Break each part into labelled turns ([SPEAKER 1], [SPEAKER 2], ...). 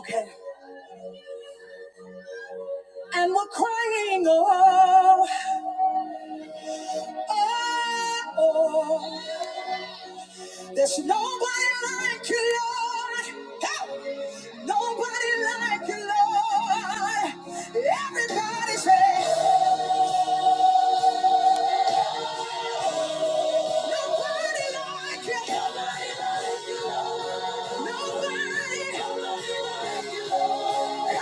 [SPEAKER 1] Okay. And we're crying, oh, oh, oh. There's nobody like you, Lord. Help! Nobody like you, Lord. Everybody say, nobody like you. Nobody like you, Lord. Nobody. Till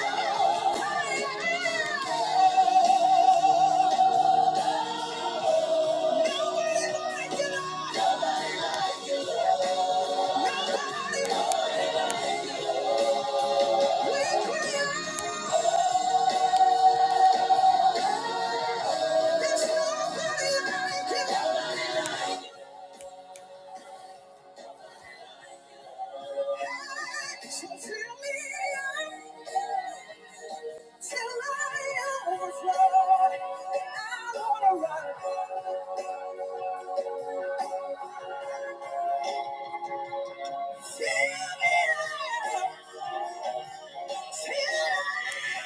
[SPEAKER 1] I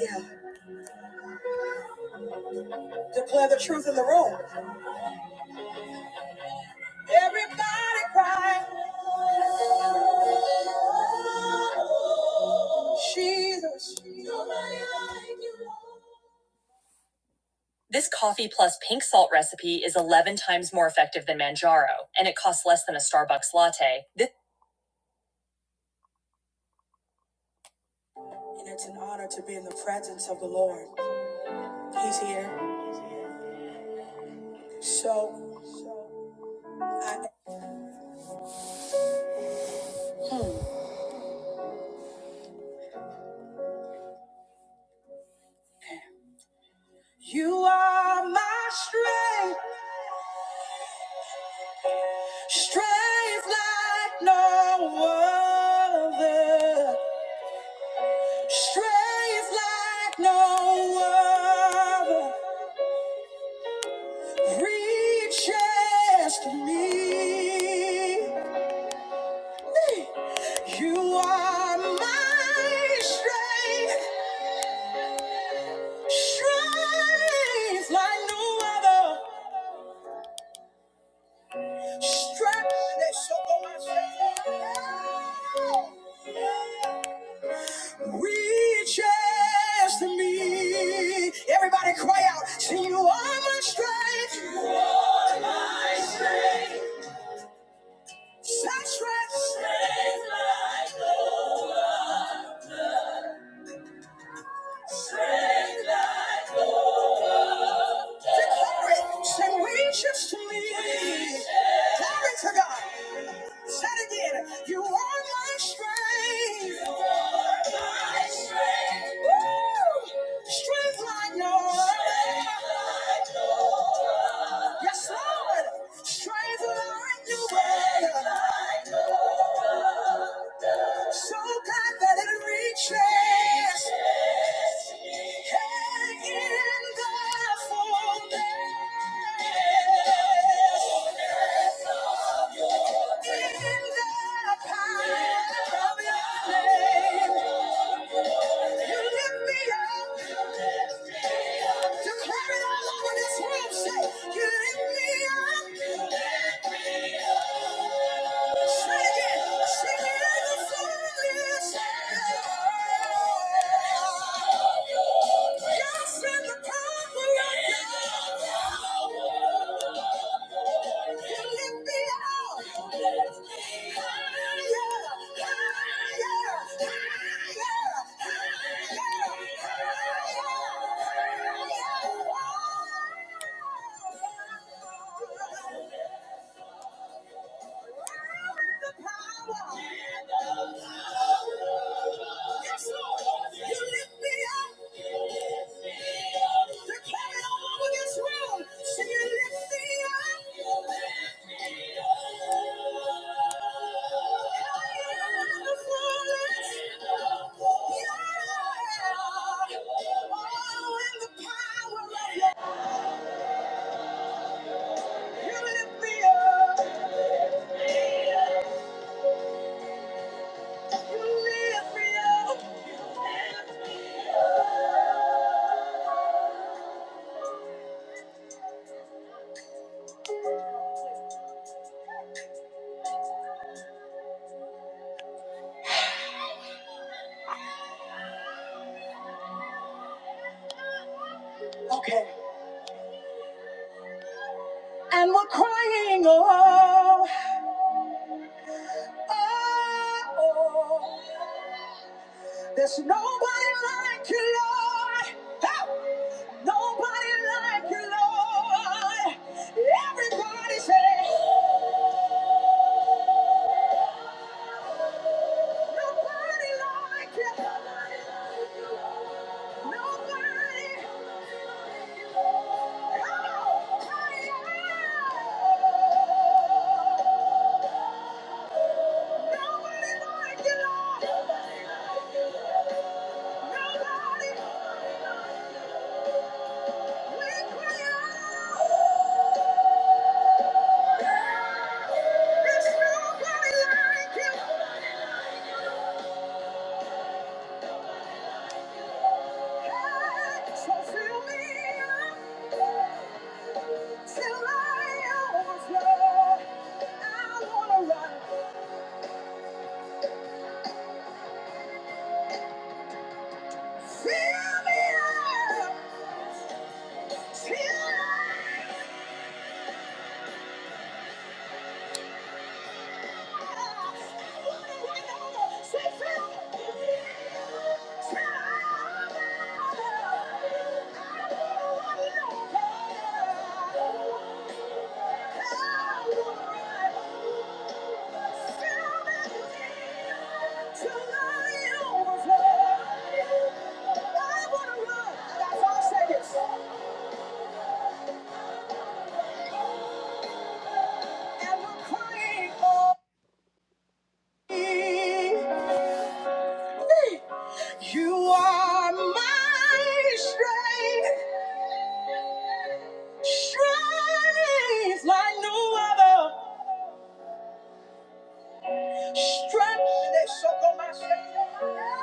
[SPEAKER 1] Yeah. Declare the truth in the room. Everybody cry. Jesus. This coffee plus pink salt recipe is 11 times more effective than Manjaro, and it costs less than a Starbucks latte. This- and it's an honor to be in the presence of the Lord. So, I, you are my strength, strength like no other. Strength like no other reaches to me. Hey, You are my strength, strength like no other. Strength that shall go Reaches to me. Everybody cry out. Sing you are my strength. You are my strength. Such strength. Declare it. Sing reaches to me. Glory to God. Say it again. You are my strength. Strength like no other. Yes, Lord. Strength like no other. So God that it reaches. And in the fullness, in the power of your name, you lift me up. Declare it all over this room. Say, you lift me up. the power. Yes, Lord, you lift me up. To carry all over this world. So you lift me up. Higher than the forest. Yeah. Oh, in the power of your- You lift me up. You lift me up. Okay. And we're crying, oh. Oh, there's nobody like you, Lord. Oh, nobody like you, Lord. Everybody say, nobody like you. Nobody. Oh, yeah. Nobody like you, Lord. Nobody. We cry out. Yeah. You are my strength, strength like no other. Strength. They suck on my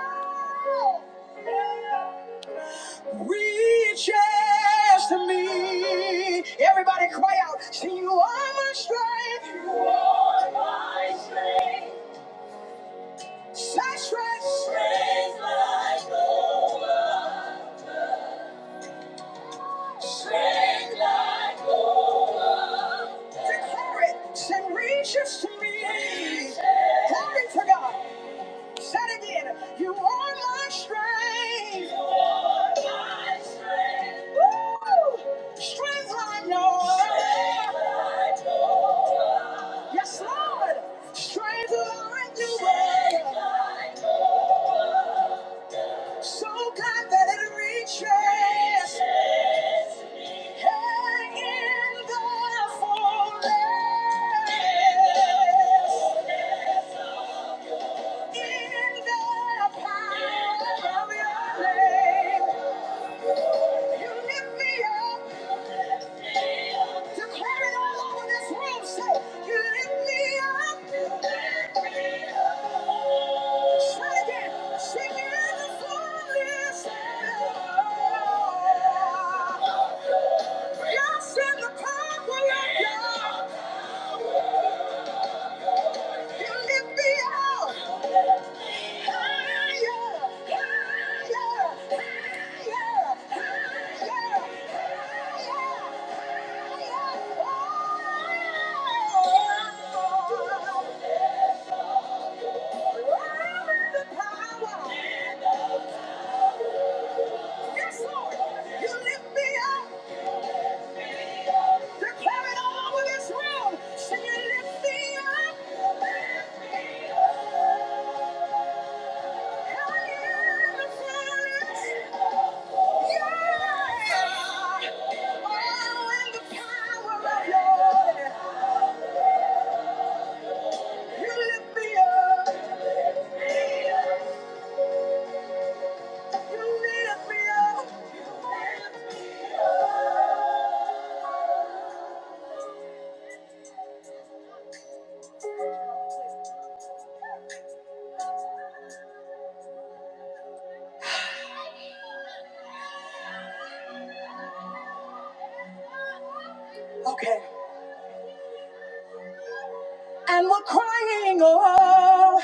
[SPEAKER 1] strength. Reaches to me. Everybody cry out. See, you are my strength. You are my strength. Such strength. Strength like no other. Strength like no other. Declare it. Send reaches to me. Reaches. Glory to God. Say it again. You are my strength. You are my strength. Woo! Strength like no other. Strength like no other. Yes, Lord. Stranger like you were. So kind that it reaches. Hanging in there forever. In the power of your name. You lift me up. Declare it all over this room. Say, you lift me up. Yes, Lord, you lift me up. Declare it all over this world. Sing you lift me up. I am the forest. Yeah. And the power of your. You lift me up. You lift me up. Okay. And we're crying, oh,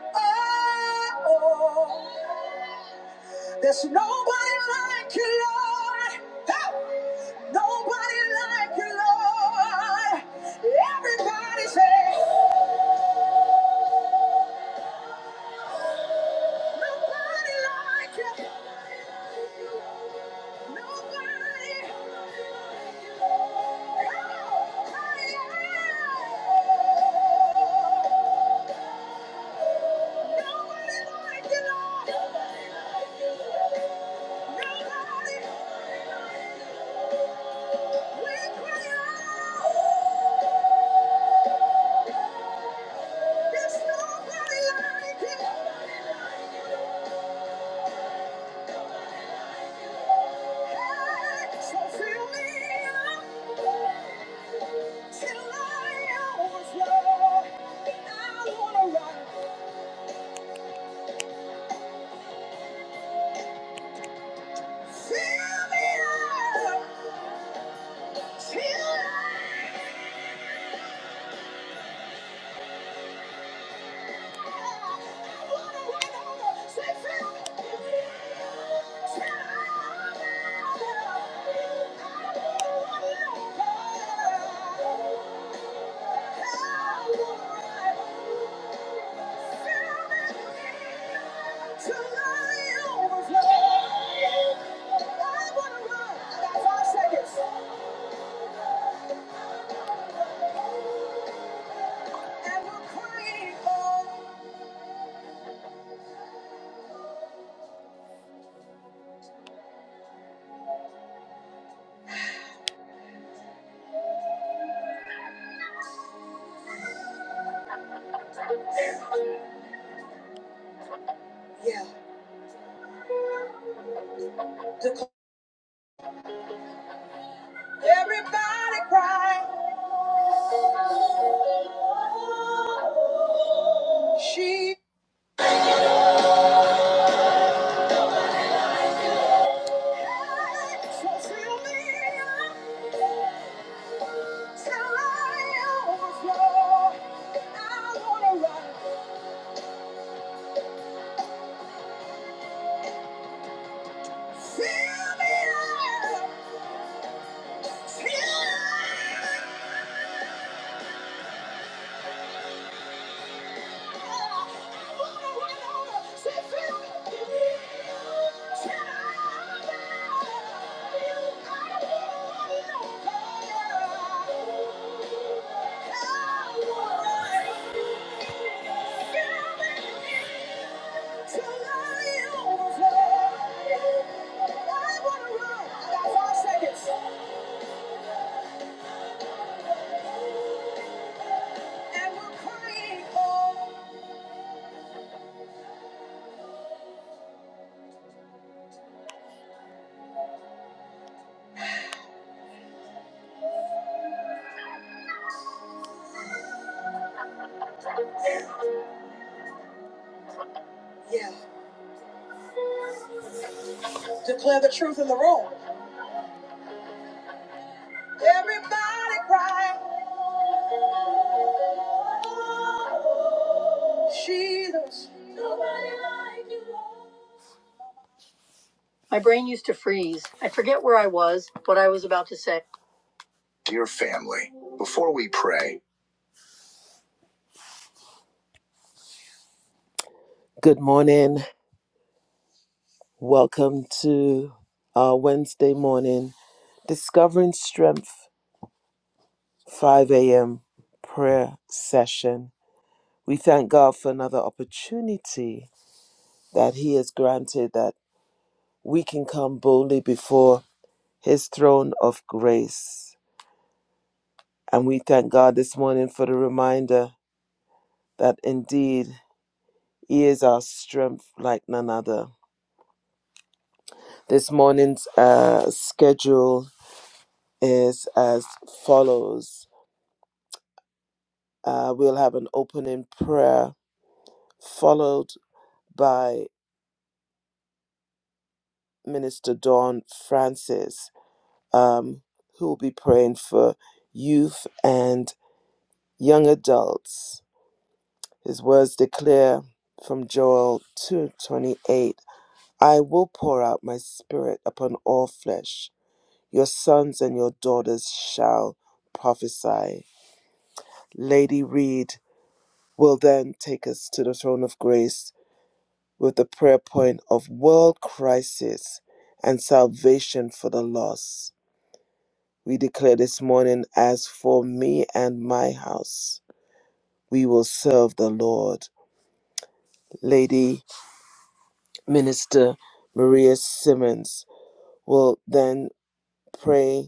[SPEAKER 1] oh, oh. There's nobody like you, Lord. Oh, Nobody like you, Lord. Everybody say, nobody like you. Nobody. Oh, yeah. fill me up, fill me up Yeah. Everybody cry. She fulfill me till I overflow. I wanna run. Fill me up, fill me up. Declare the truth in the room. Everybody cry. Jesus. Nobody like you, Lord. My brain used to freeze. I forget where I was, what I was about to say. Dear family, before we pray. Good morning. Welcome to our Wednesday morning Discovering Strength 5 a.m. prayer session. We thank God for another opportunity that He has granted that we can come boldly before His throne of grace And we thank God this morning for the reminder that indeed He is our strength like none other. This morning's uh, schedule is as follows uh, We'll have an opening prayer followed by Minister Dawn Francis, um, who will be praying for youth and young adults. His words declare from Joel 2:28 I will pour out my spirit upon all flesh. Your sons and your daughters shall prophesy. Lady Reed will then take us to the throne of grace with the prayer point of world crisis and salvation for the lost. We declare this morning, as for me and my house, we will serve the Lord. Lady Minister Maria Simmons will then pray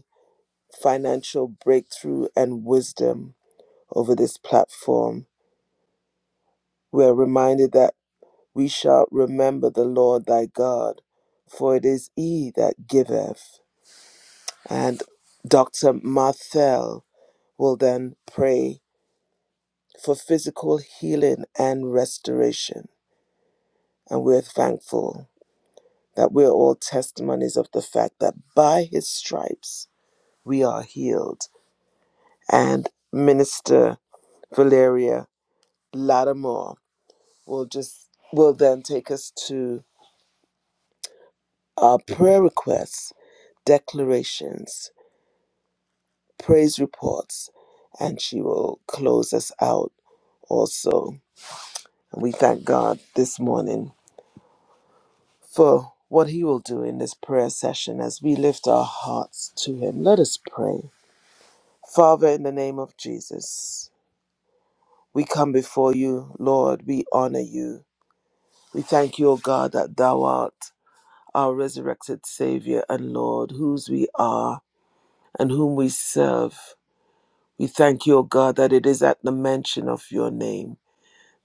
[SPEAKER 1] financial breakthrough and wisdom over this platform. We are reminded that we shall remember the Lord thy God, for it is he that giveth. And Dr. Marthel will then pray for physical healing and restoration. And we're thankful that we're all testimonies of the fact that by his stripes we are healed. And Minister Valeria Lattimore will just will then take us to our prayer requests, declarations, praise reports, and she will close us out also. And we thank God this morning for what he will do in this prayer session as we lift our hearts to him. Let us pray. Father, in the name of Jesus, we come before you, Lord, we honor you. We thank you, O God, that thou art our resurrected Savior and Lord, whose we are and whom we serve. We thank you, O God, that it is at the mention of your name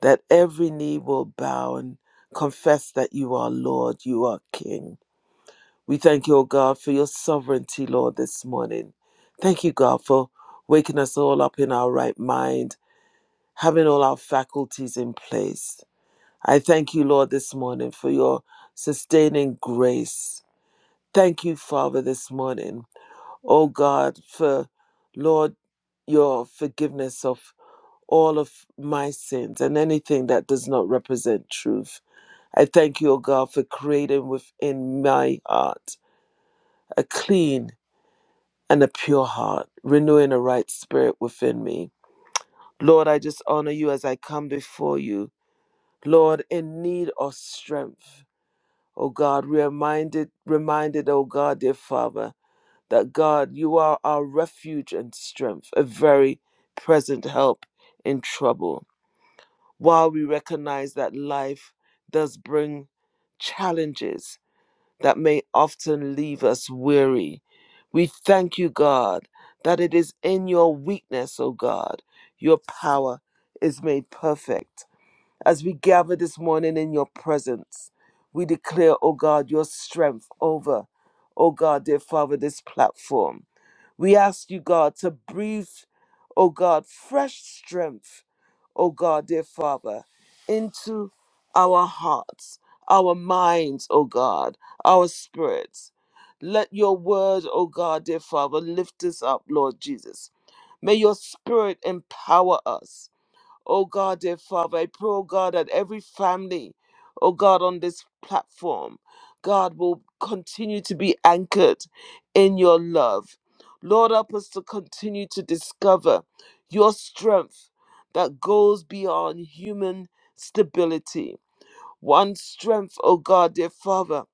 [SPEAKER 1] that every knee will bow and confess that you are Lord, you are King. We thank you, O God, for your sovereignty, Lord, this morning. Thank you, God, for waking us all up in our right mind, having all our faculties in place. I thank you, Lord, this morning for your sustaining grace. Thank you, Father, this morning oh God, for Lord, your forgiveness of all of my sins and anything that does not represent truth. I thank you, O God, for creating within my heart a clean and a pure heart, renewing a right spirit within me. Lord, I just honor you as I come before you. Lord, in need of strength, O God, reminded, reminded, O God, dear Father that God, you are our refuge and strength, a very present help in trouble. While we recognize that life does bring challenges that may often leave us weary, we thank you, God, that it is in your weakness, O God, your power is made perfect. As we gather this morning in your presence, we declare, O God, your strength over, O God, dear Father, this platform. We ask you, God, to breathe, O God, fresh strength, O God, dear Father, into our hearts, our minds, O God, our spirits. Let your word, O God, dear Father, lift us up, Lord Jesus. May your spirit empower us. Oh God, dear Father, I pray, oh God, that every family, oh God, on this platform, God will continue to be anchored in your love. Lord, help us to continue to discover your strength that goes beyond human stability. One strength, oh God, dear Father,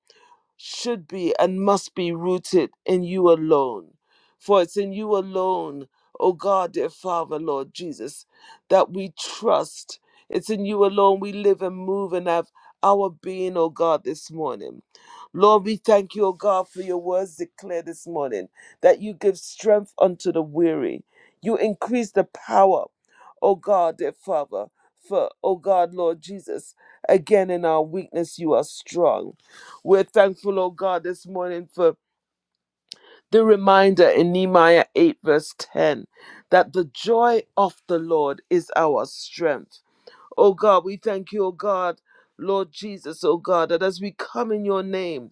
[SPEAKER 1] should be and must be rooted in you alone. For it's in you alone, O God, dear Father, Lord Jesus, that we trust. It's in you alone we live and move and have our being, O God, this morning. Lord, we thank you, O God, for your words declared this morning that you give strength unto the weary. You increase the power, O God, dear Father, for, O God, Lord Jesus, again in our weakness you are strong. We're thankful, oh God, this morning for the reminder in Nehemiah 8, verse 10, that the joy of the Lord is our strength. Oh God, we thank you, oh God, Lord Jesus, oh God, that as we come in your name,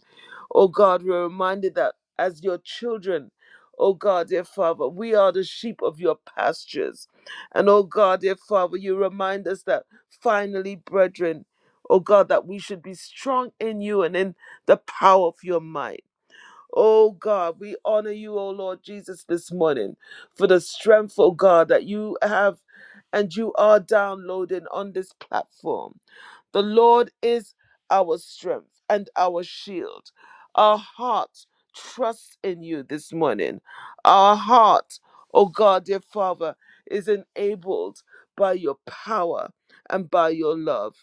[SPEAKER 1] oh God, we're reminded that as your children, oh God, dear Father, we are the sheep of your pastures. And oh God, dear Father, you remind us that finally, brethren, oh God, that we should be strong in you and in the power of your might. Oh God, we honor you, oh Lord Jesus, this morning for the strength, oh God, that you have and you are downloading on this platform. The Lord is our strength and our shield. Our heart trusts in you this morning. Our heart, oh God, dear Father, is enabled by your power and by your love.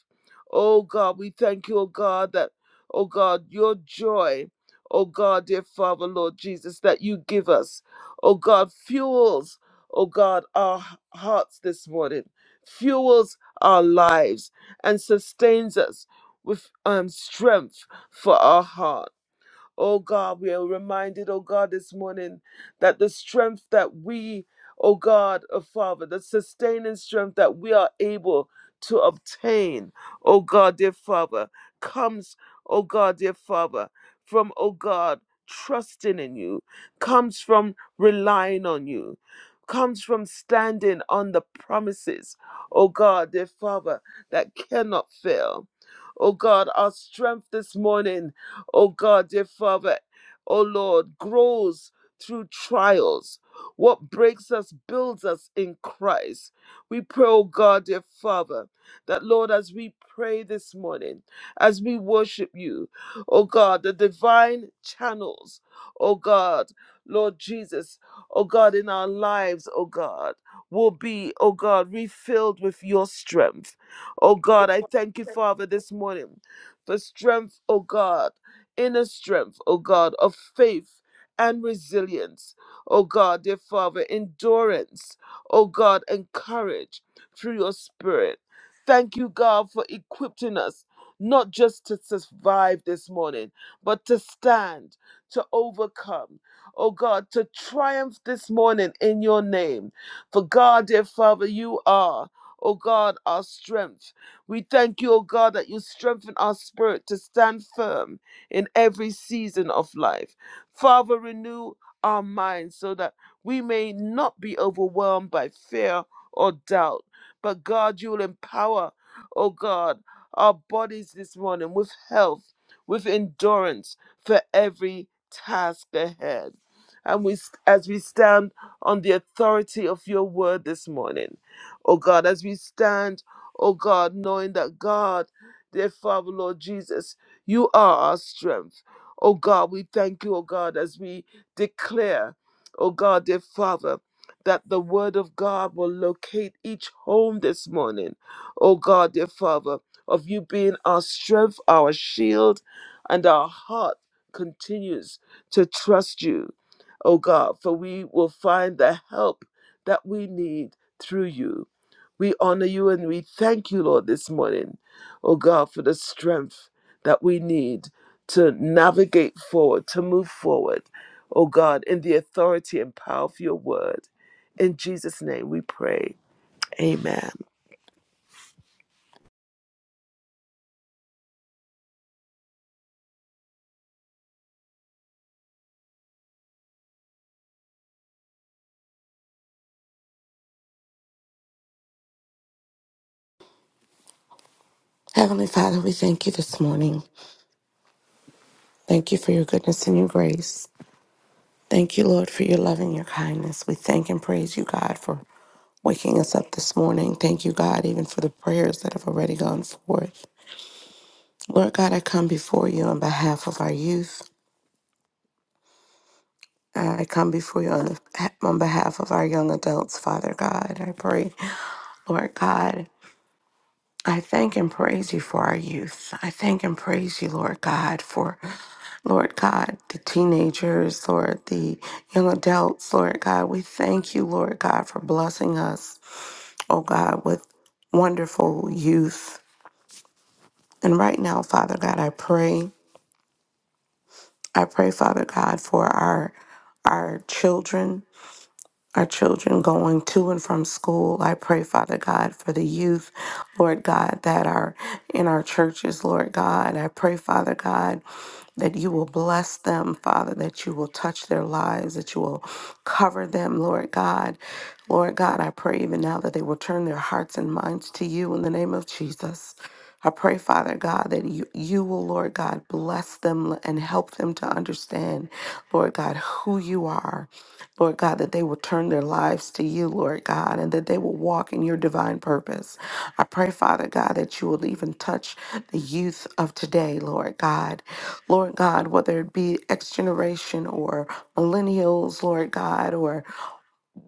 [SPEAKER 1] Oh God, we thank you, oh God, that, oh God, your joy oh God, dear Father, Lord Jesus, that you give us, oh God, fuels, oh God, our hearts this morning, fuels our lives, and sustains us with um, strength for our heart. Oh God, we are reminded, oh God, this morning that the strength that we, oh God, oh Father, the sustaining strength that we are able to obtain, oh God, dear Father, comes, oh God, dear Father, from, oh God, trusting in you, comes from relying on you, comes from standing on the promises, oh God, dear Father, that cannot fail. Oh God, our strength this morning oh God, dear Father, oh Lord, grows through trials. What breaks us builds us in Christ. We pray, oh God, dear Father, that Lord, as we pray this morning, as we worship you, oh God, the divine channels, oh God, Lord Jesus, oh God, in our lives, oh God, will be, oh God, refilled with your strength. Oh God, I thank you, Father, this morning for strength, oh God inner strength, O God, of faith and resilience. O God, dear Father, endurance, O God, and courage through your spirit. Thank you, God, for equipping us not just to survive this morning, but to stand, to overcome, O God, to triumph this morning in your name. For God, dear Father, you are, O God, our strength. We thank you, O God, that you strengthen our spirit to stand firm in every season of life. Father, renew our minds so that we may not be overwhelmed by fear or doubt. But God, you will empower, oh God, our bodies this morning with health, with endurance for every task ahead. And we, as we stand on the authority of your word this morning, oh God, as we stand, oh God, knowing that God, dear Father, Lord Jesus, you are our strength. Oh God, we thank you, oh God, as we declare, oh God, dear Father, that the word of God will locate each home this morning. Oh God, dear Father, of you being our strength, our shield, and our heart continues to trust you. Oh God, for we will find the help that we need through you. We honor you and we thank you, Lord, this morning. Oh God, for the strength that we need to navigate forward, to move forward, oh God, in the authority and power of your word. In Jesus' name we pray. Amen.
[SPEAKER 2] Heavenly Father, we thank you this morning. Thank you for your goodness and your grace. Thank you, Lord, for your love and your kindness. We thank and praise you, God, for waking us up this morning. Thank you, God, even for the prayers that have already gone forth. Lord God, I come before you on behalf of our youth. I come before you on, the, on behalf of our young adults, Father God. I pray, Lord God, I thank and praise you for our youth. I thank and praise you, Lord God, for Lord God, the teenagers, Lord, the young adults, Lord God, we thank you, Lord God, for blessing us, oh God, with wonderful youth. And right now, Father God, I pray, I pray, Father God, for our our children, our children going to and from school. I pray, Father God, for the youth, Lord God, that are in our churches, Lord God. I pray, Father God, that you will bless them, Father, that you will touch their lives, that you will cover them, Lord God. Lord God, I pray even now that they will turn their hearts and minds to you in the name of Jesus. I pray, Father God, that you, you will, Lord God, bless them and help them to understand, Lord God, who you are. Lord God, that they will turn their lives to you, Lord God, and that they will walk in your divine purpose. I pray, Father God, that you will even touch the youth of today, Lord God. Lord God, whether it be X generation or millennials, Lord God, or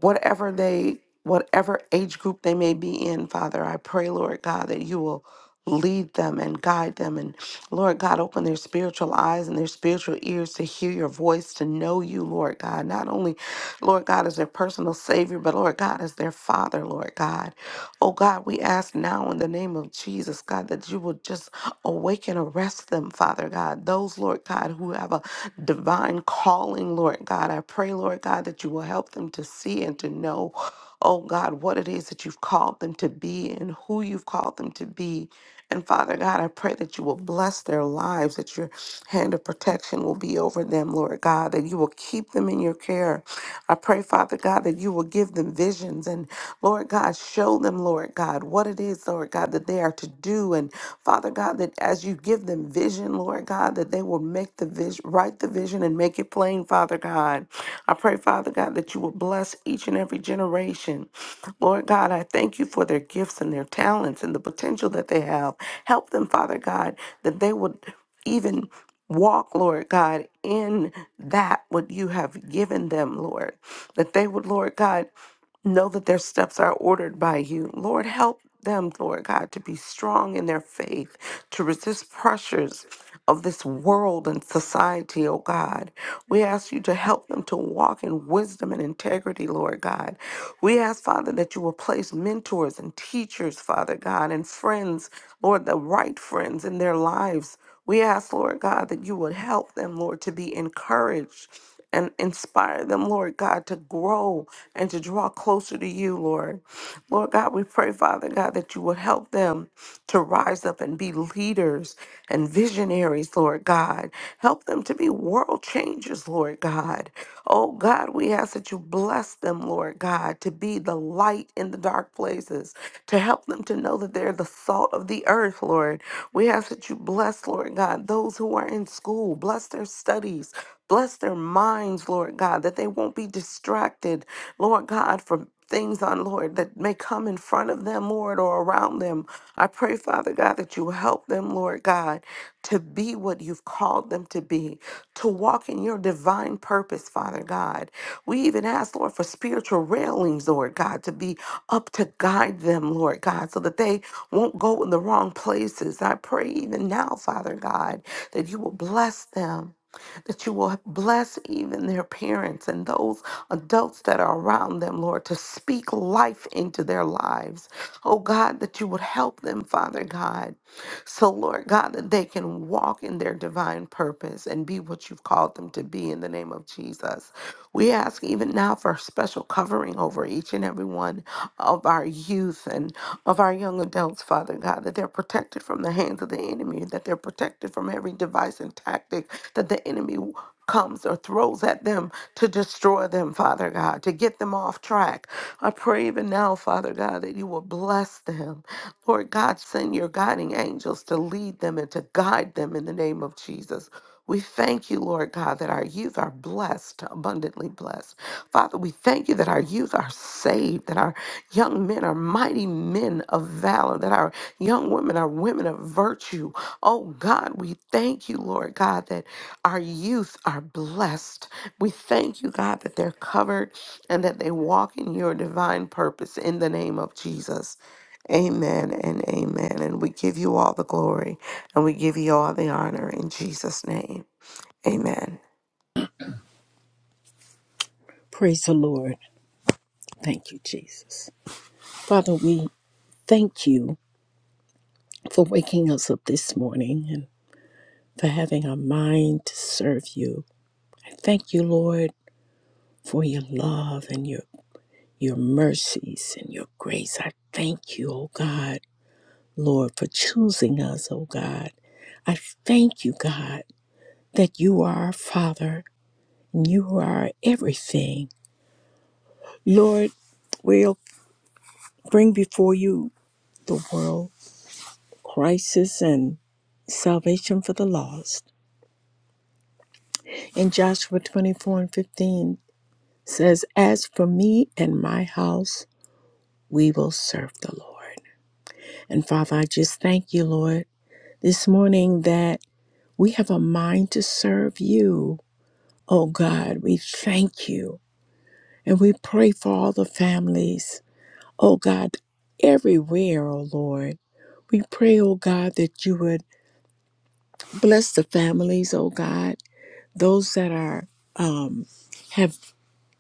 [SPEAKER 2] whatever they whatever age group they may be in father i pray lord god that you will lead them and guide them and lord god open their spiritual eyes and their spiritual ears to hear your voice to know you lord god not only lord god as their personal savior but lord god as their father lord god Oh God, we ask now in the name of Jesus, God, that you would just awaken, arrest them, Father God. Those, Lord God, who have a divine calling, Lord God, I pray, Lord God, that you will help them to see and to know, oh God, what it is that you've called them to be and who you've called them to be. And Father God, I pray that you will bless their lives, that you're hand of protection will be over them, Lord God, that you will keep them in your care. I pray, Father God, that you will give them visions and, Lord God, show them, Lord God, what it is, Lord God, that they are to do. And, Father God, that as you give them vision, Lord God, that they will make the vision, write the vision and make it plain, Father God. I pray, Father God, that you will bless each and every generation. Lord God, I thank you for their gifts and their talents and the potential that they have. Help them, Father God, that they would even walk, Lord God, in that what you have given them, Lord, that they would, Lord God, know that their steps are ordered by you. Lord, help them, Lord God, to be strong in their faith, to resist pressures of this world and society, oh God. We ask you to help them to walk in wisdom and integrity, Lord God. We ask, Father, that you will place mentors and teachers, Father God, and friends, Lord, the right friends in their lives. We ask, Lord God, that you would help them, Lord, to be encouraged and inspire them, Lord God, to grow and to draw closer to you, Lord. Lord God, we pray, Father God, that you would help them to rise up and be leaders and visionaries, Lord God. Help them to be world changers, Lord God. Oh God, we ask that you bless them, Lord God, to be the light in the dark places, to help them to know that they're the salt of the earth, Lord. We ask that you bless, Lord God, those who are in school, bless their studies. Bless their minds, Lord God, that they won't be distracted, Lord God, from things on, Lord, that may come in front of them, Lord, or around them. I pray, Father God, that you help them, Lord God, to be what you've called them to be, to walk in your divine purpose, Father God. We even ask, Lord, for spiritual railings, Lord God, to be up to guide them, Lord God, so that they won't go in the wrong places. I pray even now, Father God, that you will bless them. That you will bless even their parents and those adults that are around them, Lord, to speak life into their lives. Oh God, that you would help them, Father God. So, Lord God, that they can walk in their divine purpose and be what you've called them to be in the name of Jesus. We ask even now for a special covering over each and every one of our youth and of our young adults, Father God, that they're protected from the hands of the enemy, that they're protected from every device and tactic that the enemy comes or throws at them to destroy them, Father God, to get them off track. I pray even now, Father God, that you will bless them. Lord God, send your guiding angels to lead them and to guide them in the name of Jesus. We thank you, Lord God, that our youth are blessed, abundantly blessed. Father, we thank you that our youth are saved, that our young men are mighty men of valor, that our young women are women of virtue. Oh God, we thank you, Lord God, that our youth are blessed. We thank you, God, that they're covered and that they walk in your divine purpose in the name of Jesus. Amen and amen. And we give you all the glory and we give you all the honor in Jesus' name. Amen.
[SPEAKER 3] Praise the Lord. Thank you, Jesus. Father, we thank you for waking us up this morning and for having our mind to serve you. I thank you, Lord, for your love and your your mercies and your grace. I thank you, oh God, Lord, for choosing us, oh God. I thank you, God, that you are our Father and you are our everything. Lord, we'll bring before you the world crisis and salvation for the lost. In Joshua 24 and 15 says, As for me and my house, we will serve the Lord. And Father, I just thank you, Lord, this morning that we have a mind to serve you. Oh God, we thank you. And we pray for all the families, oh God, everywhere, oh Lord. We pray, oh God, that you would bless the families, oh God those that are um, have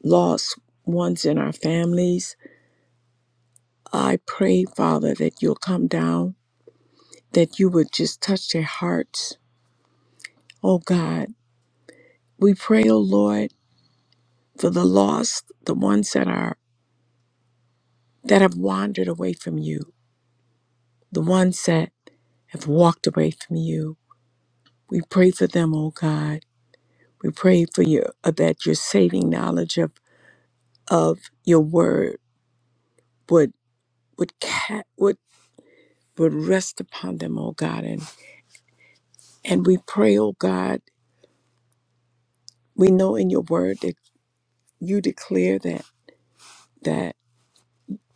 [SPEAKER 3] lost ones in our families. I pray, Father, that you'll come down, that you would just touch their hearts. Oh God, we pray, oh Lord, for the lost, the ones that are that have wandered away from you, the ones that have walked away from you. We pray for them, oh God. We pray for your that your saving knowledge of of your word would would cat would Would rest upon them, O God. And and we pray, O God, we know in your word that you declare that that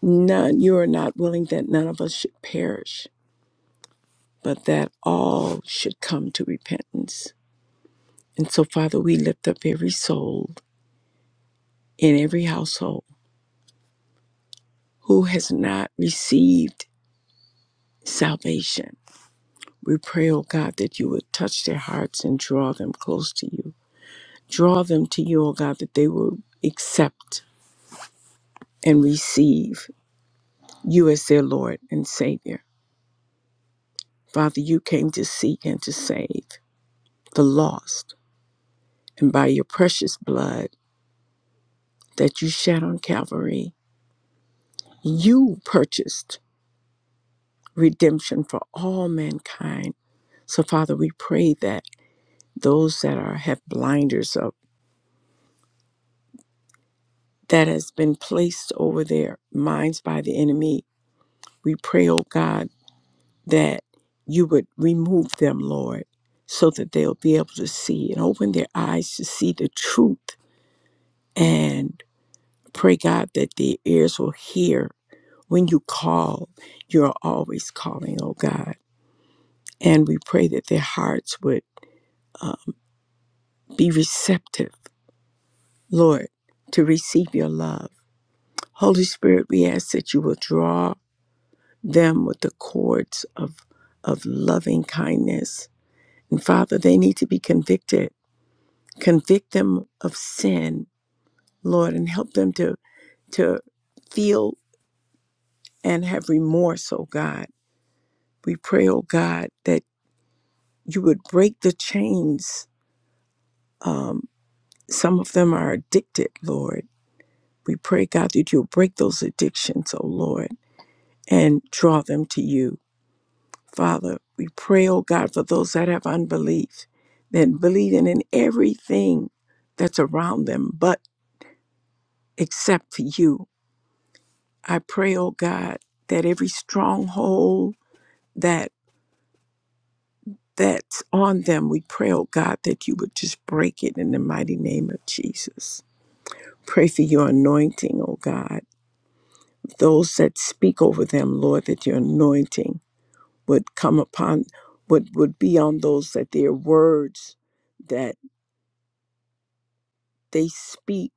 [SPEAKER 3] none you are not willing that none of us should perish, but that all should come to repentance. And so, Father, we lift up every soul in every household who has not received salvation. We pray, O God, that you would touch their hearts and draw them close to you. Draw them to you, O God, that they will accept and receive You as their Lord and Savior. Father, you came to seek and to save the lost. And by your precious blood that you shed on Calvary, you purchased redemption for all mankind. So, Father, we pray that those that are have blinders up that has been placed over their minds by the enemy, we pray, oh God, that you would remove them, Lord, so that they'll be able to see and open their eyes to see the truth and pray God that their ears will hear when you call. You're always calling, oh God. And we pray that their hearts would be receptive, Lord, to receive your love. Holy Spirit, we ask that you will draw them with the cords of, of loving kindness. And Father, they need to be convicted. Convict them of sin, Lord, and help them to, to feel and have remorse, oh God We pray, oh God, that you would break the chains. Um, some of them are addicted, Lord. We pray, God, that you'll break those addictions, oh Lord, and draw them to you. Father, we pray, oh God, for those that have unbelief, that believing in everything that's around them, but except for you. I pray, oh God, that every stronghold that that's on them. We pray, oh God, that you would just break it in the mighty name of Jesus. Pray for your anointing, oh God. Those that speak over them, Lord, that your anointing would come upon, would, would be on those that their words that they speak,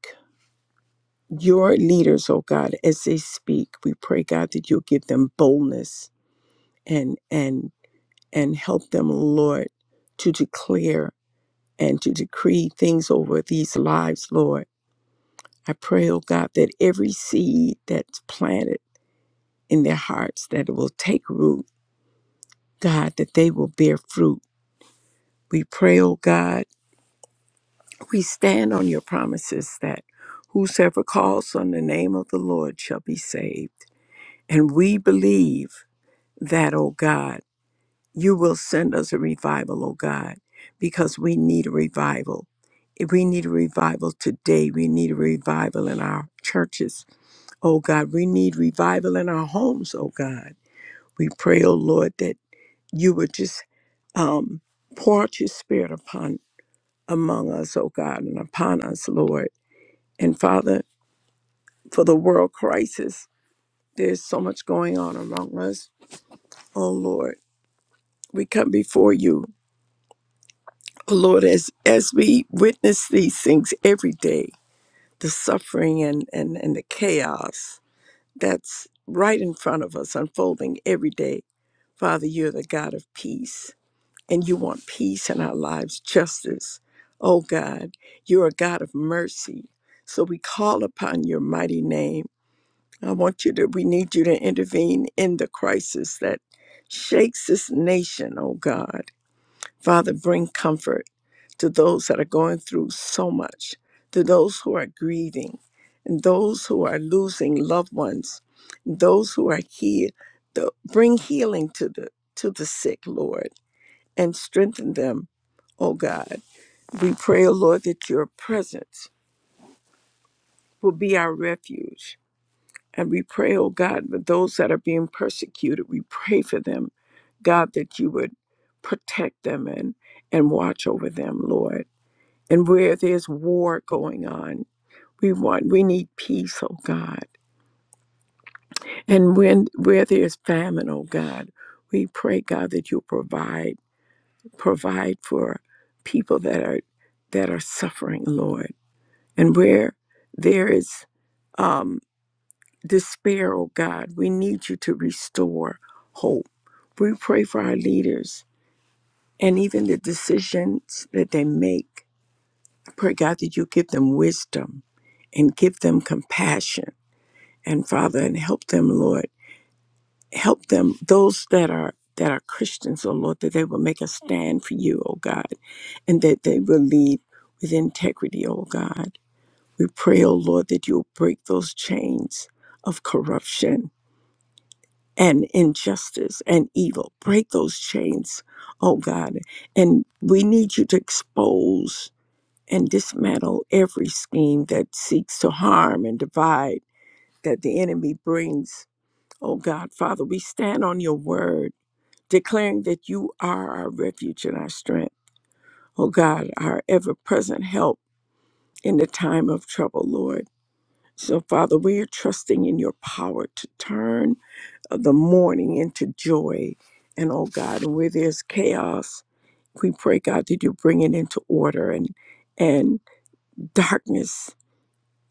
[SPEAKER 3] your leaders, oh God, as they speak, we pray, God, that you'll give them boldness and and and help them, Lord, to declare and to decree things over these lives, Lord I pray, oh God, that every seed that's planted in their hearts that it will take root, God, that they will bear fruit. We pray, oh God, we stand on your promises that whosoever calls on the name of the Lord shall be saved. And we believe that, oh God, you will send us a revival, oh God, because we need a revival. If we need a revival today, we need a revival in our churches. Oh God, we need revival in our homes, oh God. We pray, oh Lord, that you would just um, pour out your spirit upon among us, oh God, and upon us, Lord. And Father, for the world crisis, there's so much going on among us, oh Lord. We come before you, oh Lord, as, as we witness these things every day, the suffering and, and, and the chaos. that's right in front of us unfolding every day. Father, you're the God of peace, and you want peace in our lives, justice. Oh God, you're a God of mercy. So we call upon your mighty name. I want you to, we need you to intervene in the crisis that shakes this nation, oh God. Father, bring comfort to those that are going through so much, to those who are grieving, and those who are losing loved ones, those who are here. bring healing to the to the sick, Lord, and strengthen them, oh God. We pray, oh Lord, that your presence will be our refuge. And we pray, oh God, for those that are being persecuted, we pray for them, God, that you would protect them and, and watch over them, Lord. and where there's war going on. We want we need peace, oh God. And when where there's famine, oh God, we pray, God, that you provide provide for people that are that are suffering, Lord. And where there is um, despair, oh God, we need you to restore hope. We pray for our leaders and even the decisions that they make. I pray, God, that you give them wisdom and give them compassion and Father, and help them, Lord. Help them, those that are that are Christians, oh Lord, that they will make a stand for you, oh God, and that they will lead with integrity, oh God. We pray, oh Lord, that you'll break those chains of corruption and injustice and evil. Break those chains, oh God. And we need you to expose and dismantle every scheme that seeks to harm and divide that the enemy brings Oh God, Father, we stand on your word, declaring that you are our refuge and our strength. Oh God, our ever present help in the time of trouble, Lord. So, Father, we are trusting in your power to turn uh, the mourning into joy. And oh God, where there's chaos, we pray, God, that you bring it into order and and darkness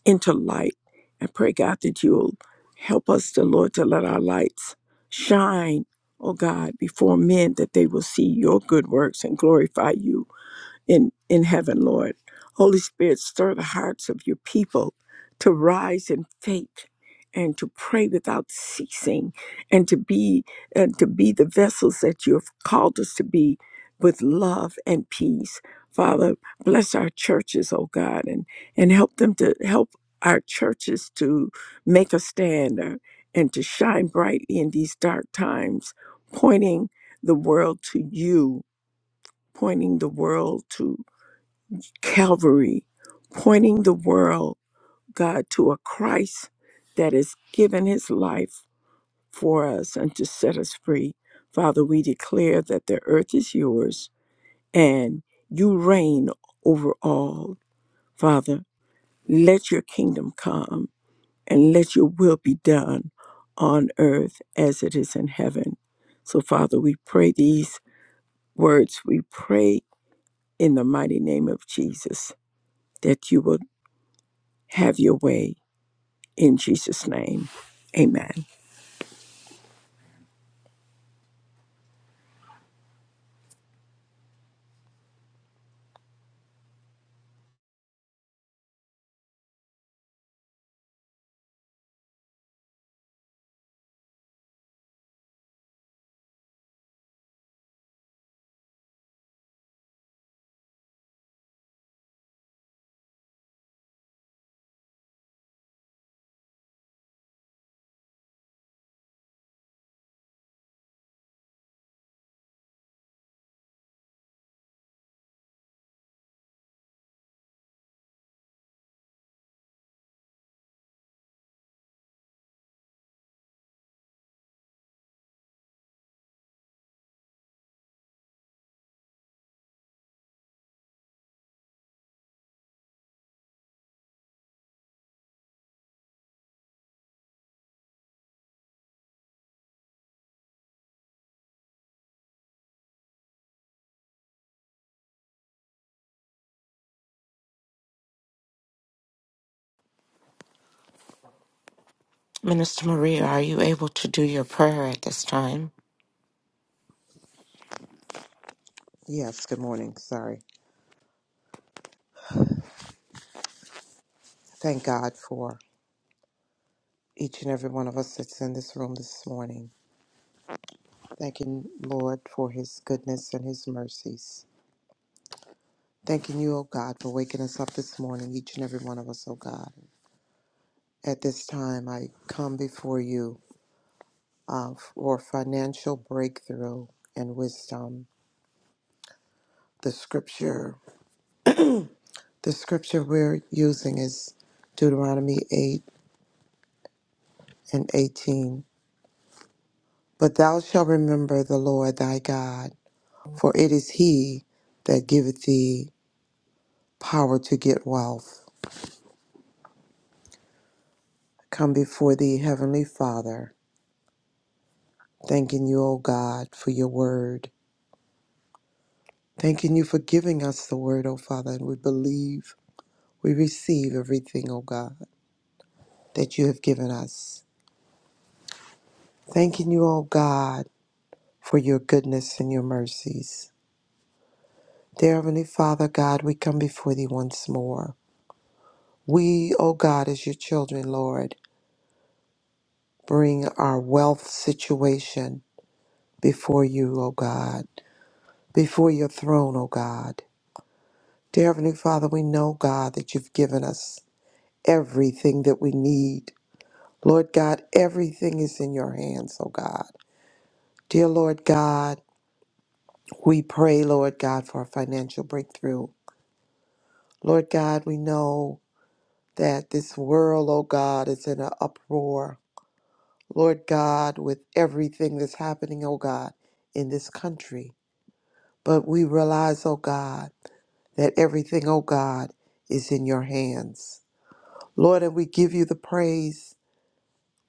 [SPEAKER 3] into light. I pray, God, that you'll help us, the Lord, to let our lights shine, oh God, before men, that they will see your good works and glorify you in, in heaven, Lord. Holy Spirit, stir the hearts of your people to rise in faith and to pray without ceasing and to be and to be the vessels that you have called us to be with love and peace. Father, bless our churches, oh God, and, and help them to help our churches to make a stand uh, and to shine brightly in these dark times, pointing the world to you, pointing the world to Calvary, pointing the world, God, to a Christ that has given his life for us and to set us free. Father, we declare that the earth is yours and you reign over all. Father, let your kingdom come and let your will be done on earth as it is in heaven. So, Father, we pray these words. We pray in the mighty name of Jesus that you will have your way In Jesus' name, amen.
[SPEAKER 2] Minister Maria, are you able to do your prayer at this time?
[SPEAKER 4] Yes, good morning. Sorry. Thank God for each and every one of us that's in this room this morning. Thanking Lord for his goodness and his mercies. Thanking you, O God, for waking us up this morning, each and every one of us, O God. At this time, I come before you uh, for financial breakthrough and wisdom. The scripture, the scripture we're using is Deuteronomy 8 and 18. But thou shalt remember the Lord thy God For it is he that giveth thee power to get wealth. Come before thee, Heavenly Father, thanking you, O God, for your word. Thanking you for giving us the word, O Father, and we believe we receive everything, O God, that you have given us. Thanking you, O God, for your goodness and your mercies. Dear Heavenly Father, God, we come before thee once more. We, O God, as your children, Lord, bring our wealth situation before you, O God, before your throne, O God. Dear Heavenly Father, we know, God, that you've given us everything that we need. Lord God, everything is in your hands, O God. Dear Lord God, we pray, Lord God, for a financial breakthrough. Lord God, we know that this world, O God, is in an uproar. Lord God, with everything that's happening, O God, in this country. But we realize, O God, that everything, oh God, is in your hands. Lord, and we give you the praise.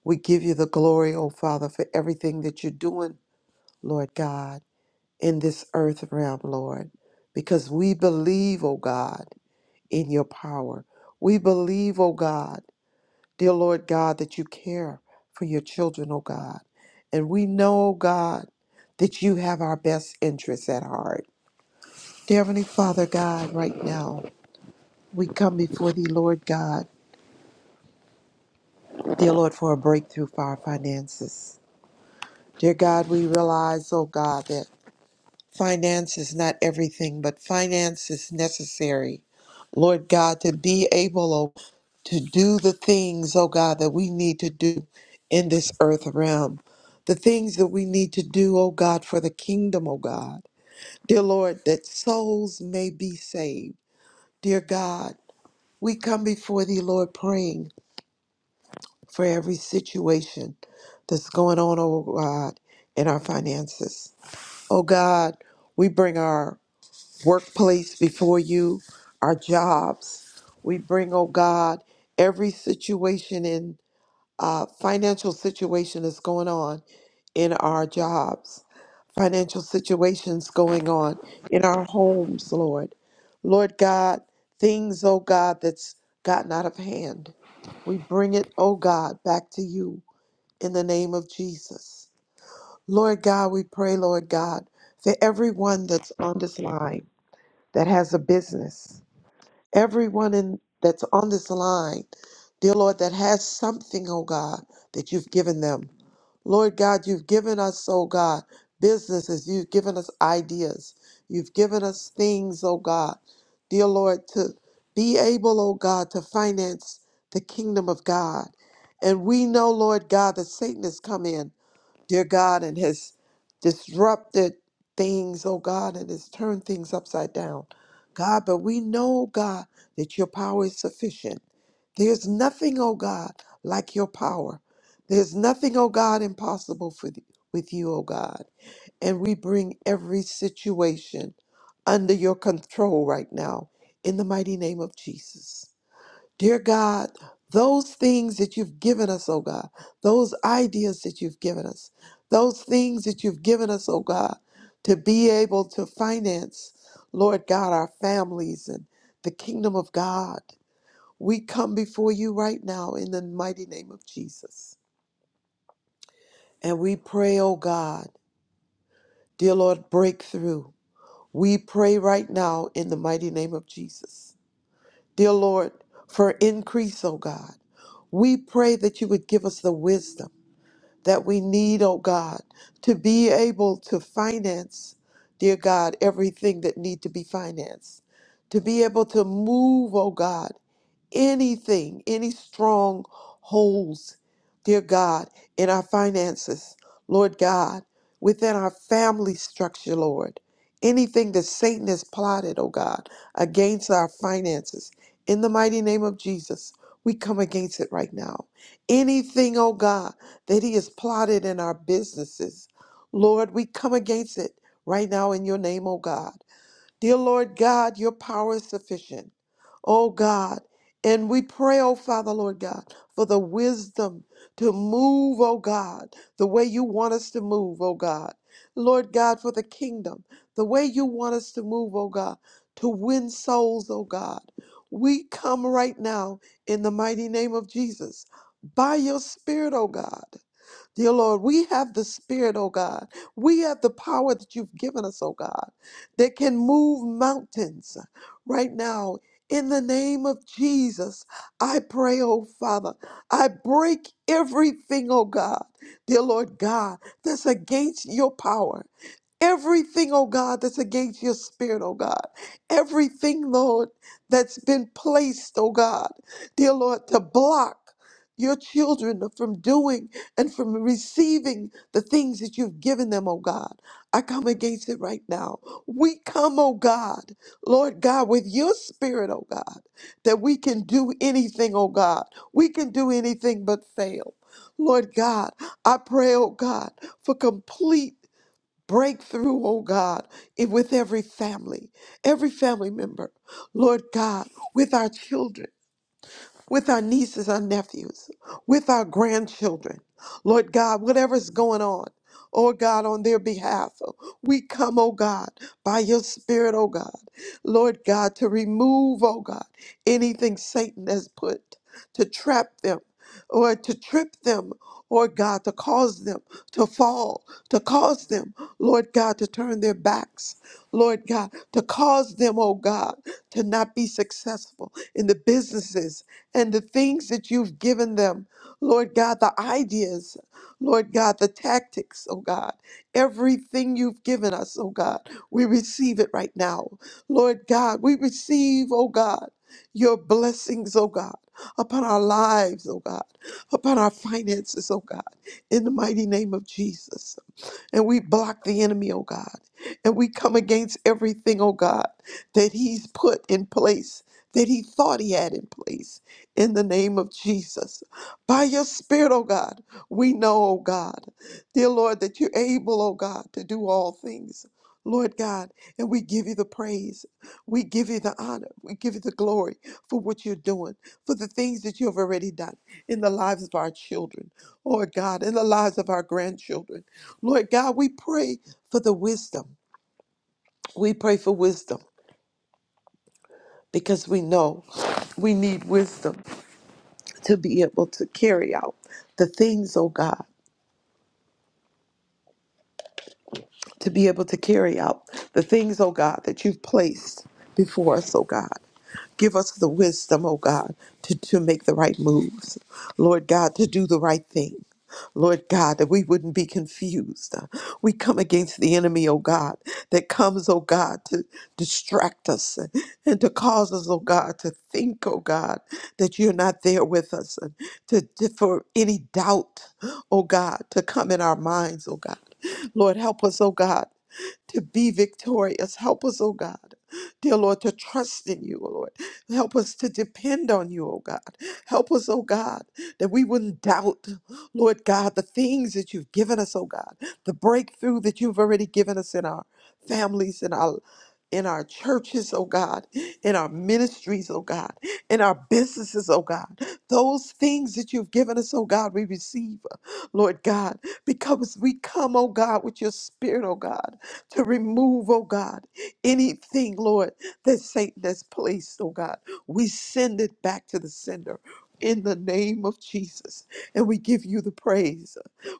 [SPEAKER 4] We give you the glory, oh Father, for everything that you're doing, Lord God, in this earth realm, Lord, because we believe, oh God, in your power. We believe, oh God, dear Lord God, that you care for your children, oh God. And we know, oh God, that you have our best interests at heart. Dear Heavenly Father, God, right now, we come before thee, Lord God Dear Lord, for a breakthrough for our finances. Dear God, we realize, oh God, that finance is not everything, but finance is necessary. Lord God, to be able oh, to do the things, oh God, that we need to do in this earth realm. The things that we need to do, oh God, for the kingdom, oh God. Dear Lord, that souls may be saved. Dear God, we come before thee, Lord, praying. for every situation that's going on, oh God, in our finances. Oh God, we bring our workplace before you, our jobs. We bring, oh God, every situation in uh, financial situation that's going on in our jobs, financial situations going on in our homes, Lord. Lord God, things, oh God, that's gotten out of hand. We bring it, oh God, back to you in the name of Jesus. Lord God, we pray, Lord God, for everyone that's on this line that has a business, everyone in, that's on this line, dear Lord, that has something, oh God, that you've given them. Lord God, you've given us, oh God, businesses, you've given us ideas, you've given us things, oh God, dear Lord, to be able, oh God, to finance the kingdom of God. And we know, Lord God, that Satan has come in dear God, and has disrupted things, oh God, and has turned things upside down. God, but we know, God, that your power is sufficient. There's nothing, oh God, like your power. There's nothing, oh God, impossible for th- with you, oh God. And we bring every situation under your control right now in the mighty name of Jesus. Dear God, those things that you've given us, oh God, those ideas that you've given us, those things that you've given us, oh God, to be able to finance, Lord God, our families and the kingdom of God. We come before you right now in the mighty name of Jesus. And we pray, oh God, dear Lord, breakthrough. We pray right now in the mighty name of Jesus. dear Lord, for increase, oh God. We pray that you would give us the wisdom that we need, oh God, to be able to finance, dear God, everything that need to be financed. To be able to move, oh God, anything, any strongholds, dear God, in our finances, Lord God, within our family structure, Lord. Anything that Satan has plotted, oh God, against our finances, in the mighty name of Jesus, we come against it right now. Anything, oh God, that he has plotted in our businesses, Lord, we come against it right now in your name, oh God. Dear Lord God, your power is sufficient oh God. And we pray, oh Father, Lord God, for the wisdom to move, oh God, the way you want us to move, oh God. Lord God, for the kingdom, the way you want us to move, oh God, to win souls, oh God. We come right now in the mighty name of Jesus by your Spirit, oh God. Dear Lord, we have the Spirit, oh God. We have the power that you've given us, oh God, that can move mountains right now. In the name of Jesus, I pray, oh Father, I break everything, oh God, dear Lord God, that's against your power Everything, oh God, that's against your spirit, oh God. Everything, Lord, that's been placed, oh God, dear Lord, to block your children from doing and from receiving the things that you've given them, oh God. I come against it right now. We come, oh God, Lord God, with your spirit, oh God, that we can do anything, oh God. We can do anything but fail. Lord God, I pray, oh God, for complete breakthrough, oh God, in- with every family, every family member, Lord God, with our children with our nieces, our nephews, with our grandchildren. Lord God, whatever's going on, oh God, on their behalf, we come, oh God, by your Spirit, oh God, Lord God, to remove, oh God, anything Satan has put to trap them or to trip them. Or God, to cause them to fall, to cause them, Lord God, to turn their backs, Lord God, to cause them, oh God, to not be successful in the businesses and the things that you've given them, Lord God, the ideas, Lord God, the tactics, oh God, everything you've given us, oh God, we receive it right now. Lord God, we receive, oh God, your blessings, oh God, upon our lives, oh God, upon our finances, oh God, in the mighty name of Jesus. And we block the enemy, oh God. And we come against everything, oh God, that he's put in place, that he thought he had in place, in the name of Jesus. By your Spirit, oh God, we know, oh God, dear Lord, that you're able, oh God, to do all things, Lord God. And we give you the praise. We give you the honor. We give you the glory for what you're doing, for the things that you have already done in the lives of our children, Lord God, in the lives of our grandchildren. Lord God, we pray for the wisdom. We pray for wisdom because we know we need wisdom to be able to carry out the things, oh God, to be able to carry out the things, oh God, that you've placed before us, oh God. Give us the wisdom, oh God, to, to make the right moves. Lord God, to do the right thing. Lord God, that we wouldn't be confused. We come against the enemy, oh God, that comes, oh God, to distract us and to cause us, oh God, to think, oh God, that you're not there with us, and to, to for any doubt, oh God, to come in our minds, oh God. Lord, help us, oh God, to be victorious. Help us, oh God, dear Lord, to trust in you, oh Lord. Help us to depend on you, oh God. Help us, oh God, that we wouldn't doubt, Lord God, the things that you've given us, oh God, the breakthrough that you've already given us in our families, in our in our churches, oh God, in our ministries, oh God, in our businesses, oh God. Those things that you've given us, oh God, we receive, Lord God, because we come, oh God, with your spirit, oh God to remove, oh God, anything, Lord, that Satan has placed, oh God. We send it back to the sender in the name of Jesus. And we give you the praise.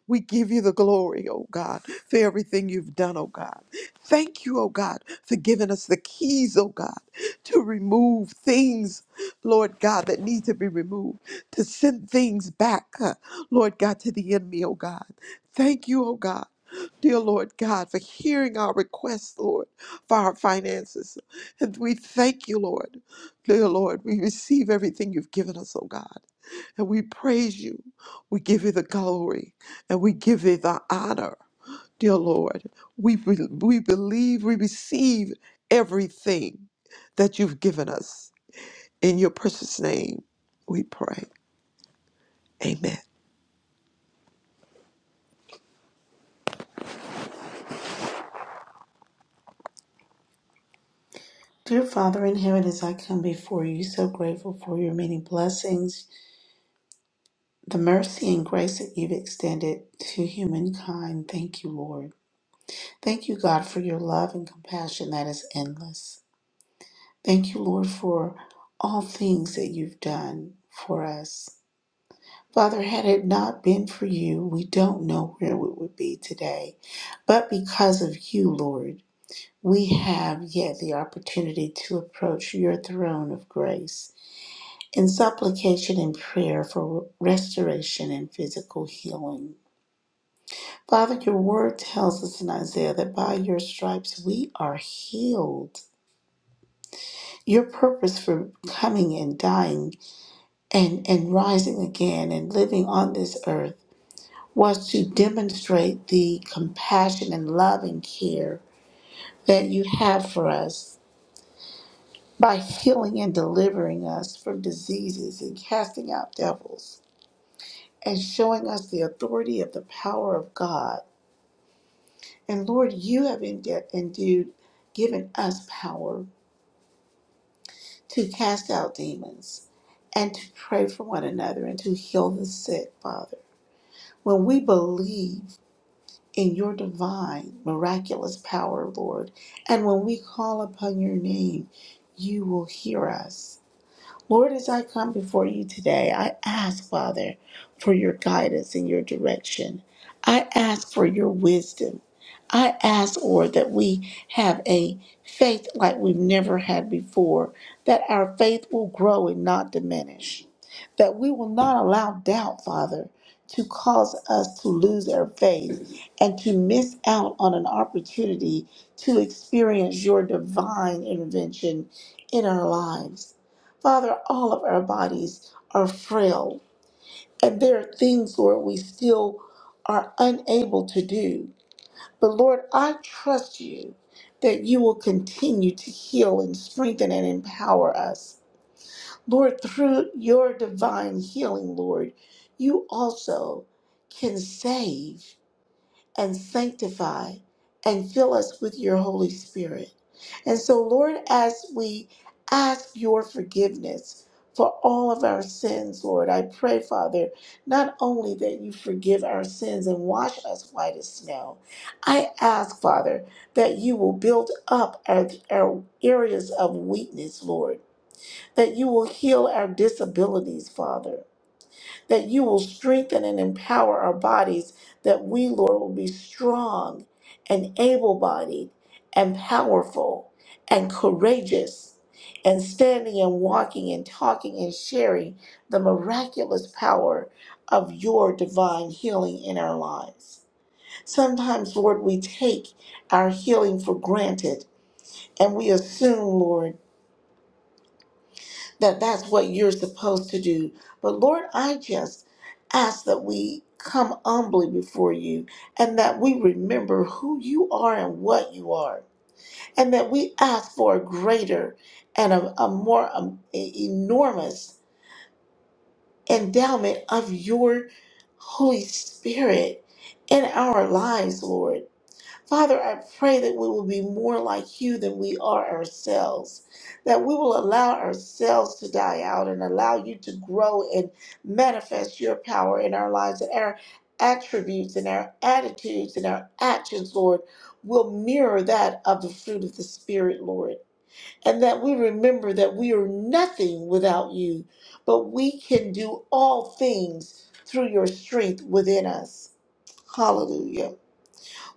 [SPEAKER 4] We give you the glory, oh God, for everything you've done, oh God. Thank you, oh God, for giving us the keys, oh God, to remove things, Lord God, that need to be removed, to send things back, uh, Lord God, to the enemy, oh God. Thank you, oh God. Dear Lord God, for hearing our requests, Lord, for our finances. And we thank you, Lord. Dear Lord, we receive everything you've given us, oh God. And we praise you. We give you the glory and we give you the honor. Dear Lord, we, be- we believe we receive everything that you've given us. In your precious name, we pray. Amen.
[SPEAKER 5] Dear Father in heaven, as I come before you, so grateful for your many blessings, the mercy and grace that you've extended to humankind. Thank you, Lord. Thank you, God, for your love and compassion that is endless. Thank you, Lord, for all things that you've done for us. Father, had it not been for you, we don't know where we would be today. But because of you, Lord, we have yet the opportunity to approach your throne of grace. in supplication and prayer for restoration and physical healing. Father, your word tells us in Isaiah that by your stripes we are healed. Your purpose for coming and dying and, and rising again and living on this earth was to demonstrate the compassion and love and care that you have for us by healing and delivering us from diseases and casting out devils. and showing us the authority of the power of God. And Lord, you have endu- endued, given us power to cast out demons and to pray for one another and to heal the sick, Father. When we believe in your divine, miraculous power, Lord, and when we call upon your name, you will hear us Lord, as I come before you today, I ask, Father, for your guidance and your direction. I ask for your wisdom. I ask, Lord, that we have a faith like we've never had before, that our faith will grow and not diminish, that we will not allow doubt, Father, to cause us to lose our faith and to miss out on an opportunity to experience your divine intervention in our lives. Father, all of our bodies are frail, and there are things, Lord, we still are unable to do. But Lord, I trust you that you will continue to heal and strengthen and empower us. Lord, through your divine healing, Lord, you also can save and sanctify and fill us with your Holy Spirit. And so, Lord, as we ask your forgiveness for all of our sins, Lord, I pray, Father, not only that you forgive our sins and wash us white as snow, I ask, Father, that you will build up our, our areas of weakness, Lord, that you will heal our disabilities, Father that you will strengthen and empower our bodies, that we, Lord, will be strong and able bodied and powerful and courageous and standing and walking and talking and sharing the miraculous power of your divine healing in our lives. Sometimes, Lord, we take our healing for granted and we assume, Lord, that that's what you're supposed to do. But Lord, I just ask that we come humbly before you and that we remember who you are and what you are, and that we ask for a greater and a, a more um, e- enormous endowment of your Holy Spirit in our lives, Lord. Father, I pray that we will be more like you than we are ourselves, that we will allow ourselves to die out and allow you to grow and manifest your power in our lives, and our attributes and our attitudes and our actions, Lord, will mirror that of the fruit of the Spirit, Lord, and that we remember that we are nothing without you, but we can do all things through your strength within us. Hallelujah.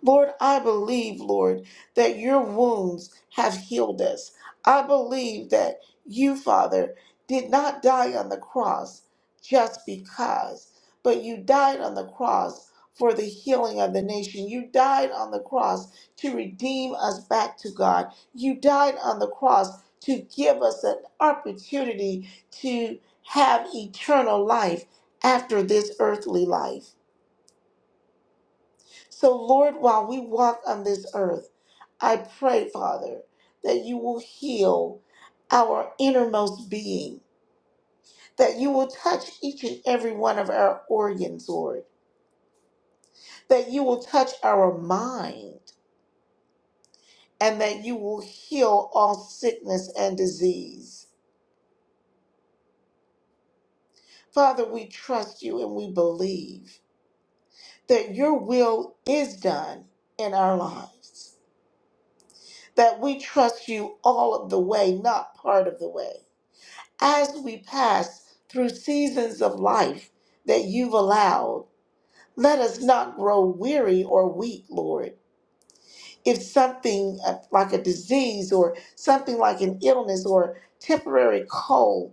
[SPEAKER 5] Lord, I believe, Lord, that your wounds have healed us. I believe that you, Father, did not die on the cross just because, but you died on the cross for the healing of the nation. You died on the cross to redeem us back to God. You died on the cross to give us an opportunity to have eternal life after this earthly life. So, Lord, while we walk on this earth, I pray, Father, that you will heal our innermost being, that you will touch each and every one of our organs, Lord, that you will touch our mind, and that you will heal all sickness and disease. Father, we trust you and we believe that your will is done in our lives, that we trust you all of the way, not part of the way as we pass through seasons of life that you've allowed, let us not grow weary or weak, Lord. If something uh, like a disease or something like an illness or temporary cold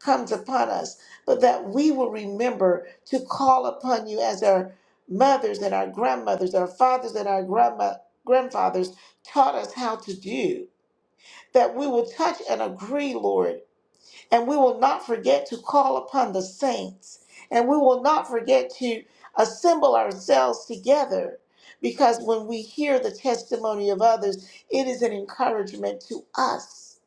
[SPEAKER 5] comes upon us, but that we will remember to call upon you as our mothers and our grandmothers, our fathers and our grandma, grandfathers taught us how to do. That we will touch and agree, Lord, and we will not forget to call upon the saints. And we will not forget to assemble ourselves together. Because when we hear the testimony of others, it is an encouragement to us.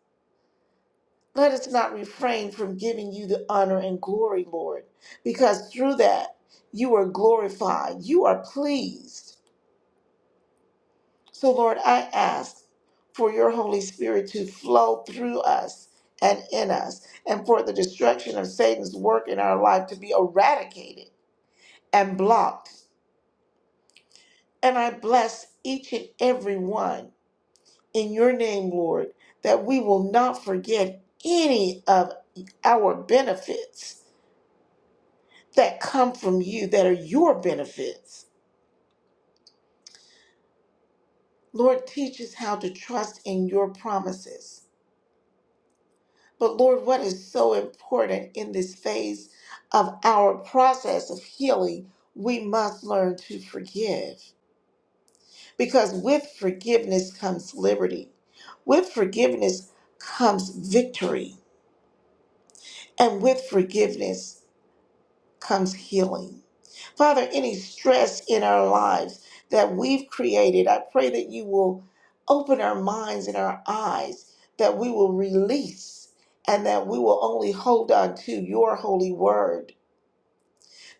[SPEAKER 5] Let us not refrain from giving you the honor and glory, Lord, because through that you are glorified, you are pleased. So, Lord, I ask for your Holy Spirit to flow through us and in us, and for the destruction of Satan's work in our life to be eradicated and blocked. And I bless each and every one in your name, Lord, that we will not forget any of our benefits that come from you, that are your benefits. Lord, teach us how to trust in your promises But Lord, what is so important in this phase of our process of healing, we must learn to forgive. Because with forgiveness comes liberty, with forgiveness comes victory, and with forgiveness comes healing. Father, any stress in our lives that we've created, I pray that you will open our minds and our eyes, that we will release, and that we will only hold on to your holy word.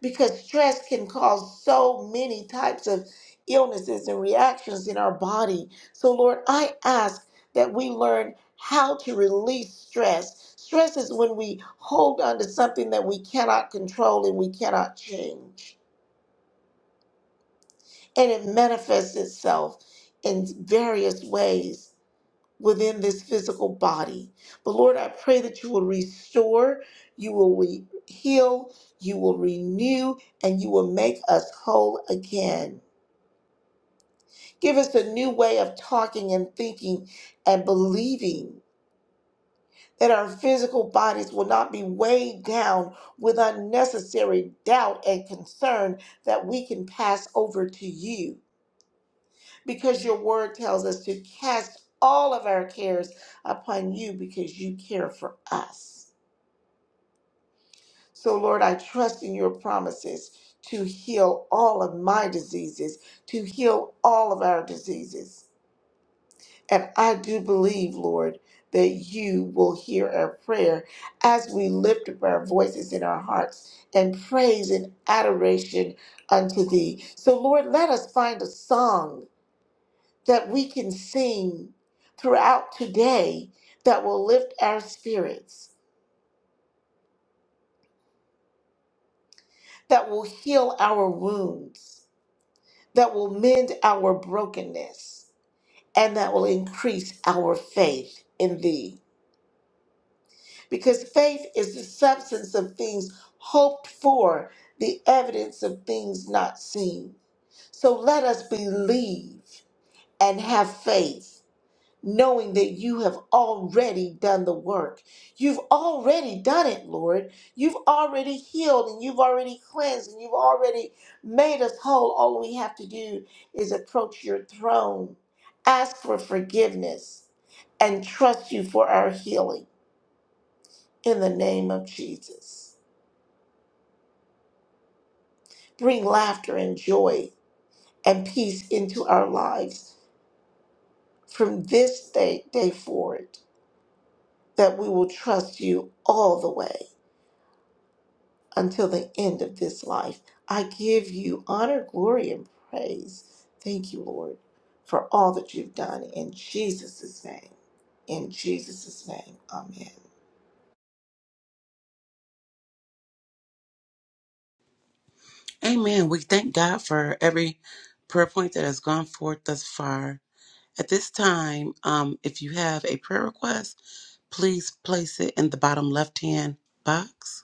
[SPEAKER 5] Because stress can cause so many types of illnesses and reactions in our body. So, Lord, I ask that we learn how to release stress. Stress is when we hold on to something that we cannot control and we cannot change. And it manifests itself in various ways within this physical body. But Lord, I pray that you will restore, you will re- heal, you will renew, and you will make us whole again. Give us a new way of talking and thinking and believing that our physical bodies will not be weighed down with unnecessary doubt and concern that we can pass over to you. because your word tells us to cast all of our cares upon you because you care for us. So, Lord, I trust in your promises to heal all of my diseases, to heal all of our diseases. And I do believe, Lord, that you will hear our prayer as we lift up our voices in our hearts and praise and adoration unto thee. So, Lord, let us find a song that we can sing throughout today that will lift our spirits, that will heal our wounds, that will mend our brokenness, and that will increase our faith in Thee. Because faith is the substance of things hoped for, the evidence of things not seen. So let us believe and have faith knowing that you have already done the work. You've already done it, Lord. You've already healed and you've already cleansed and you've already made us whole. All we have to do is approach your throne, ask for forgiveness, and trust you for our healing in the name of Jesus. Bring laughter and joy and peace into our lives from this day, day forward, that we will trust you all the way until the end of this life. I give you honor, glory, and praise. Thank you, Lord, for all that you've done in Jesus' name. In Jesus' name, amen.
[SPEAKER 6] Amen. We thank God for every prayer point that has gone forth thus far. At this time, um, if you have a prayer request, please place it in the bottom left hand box.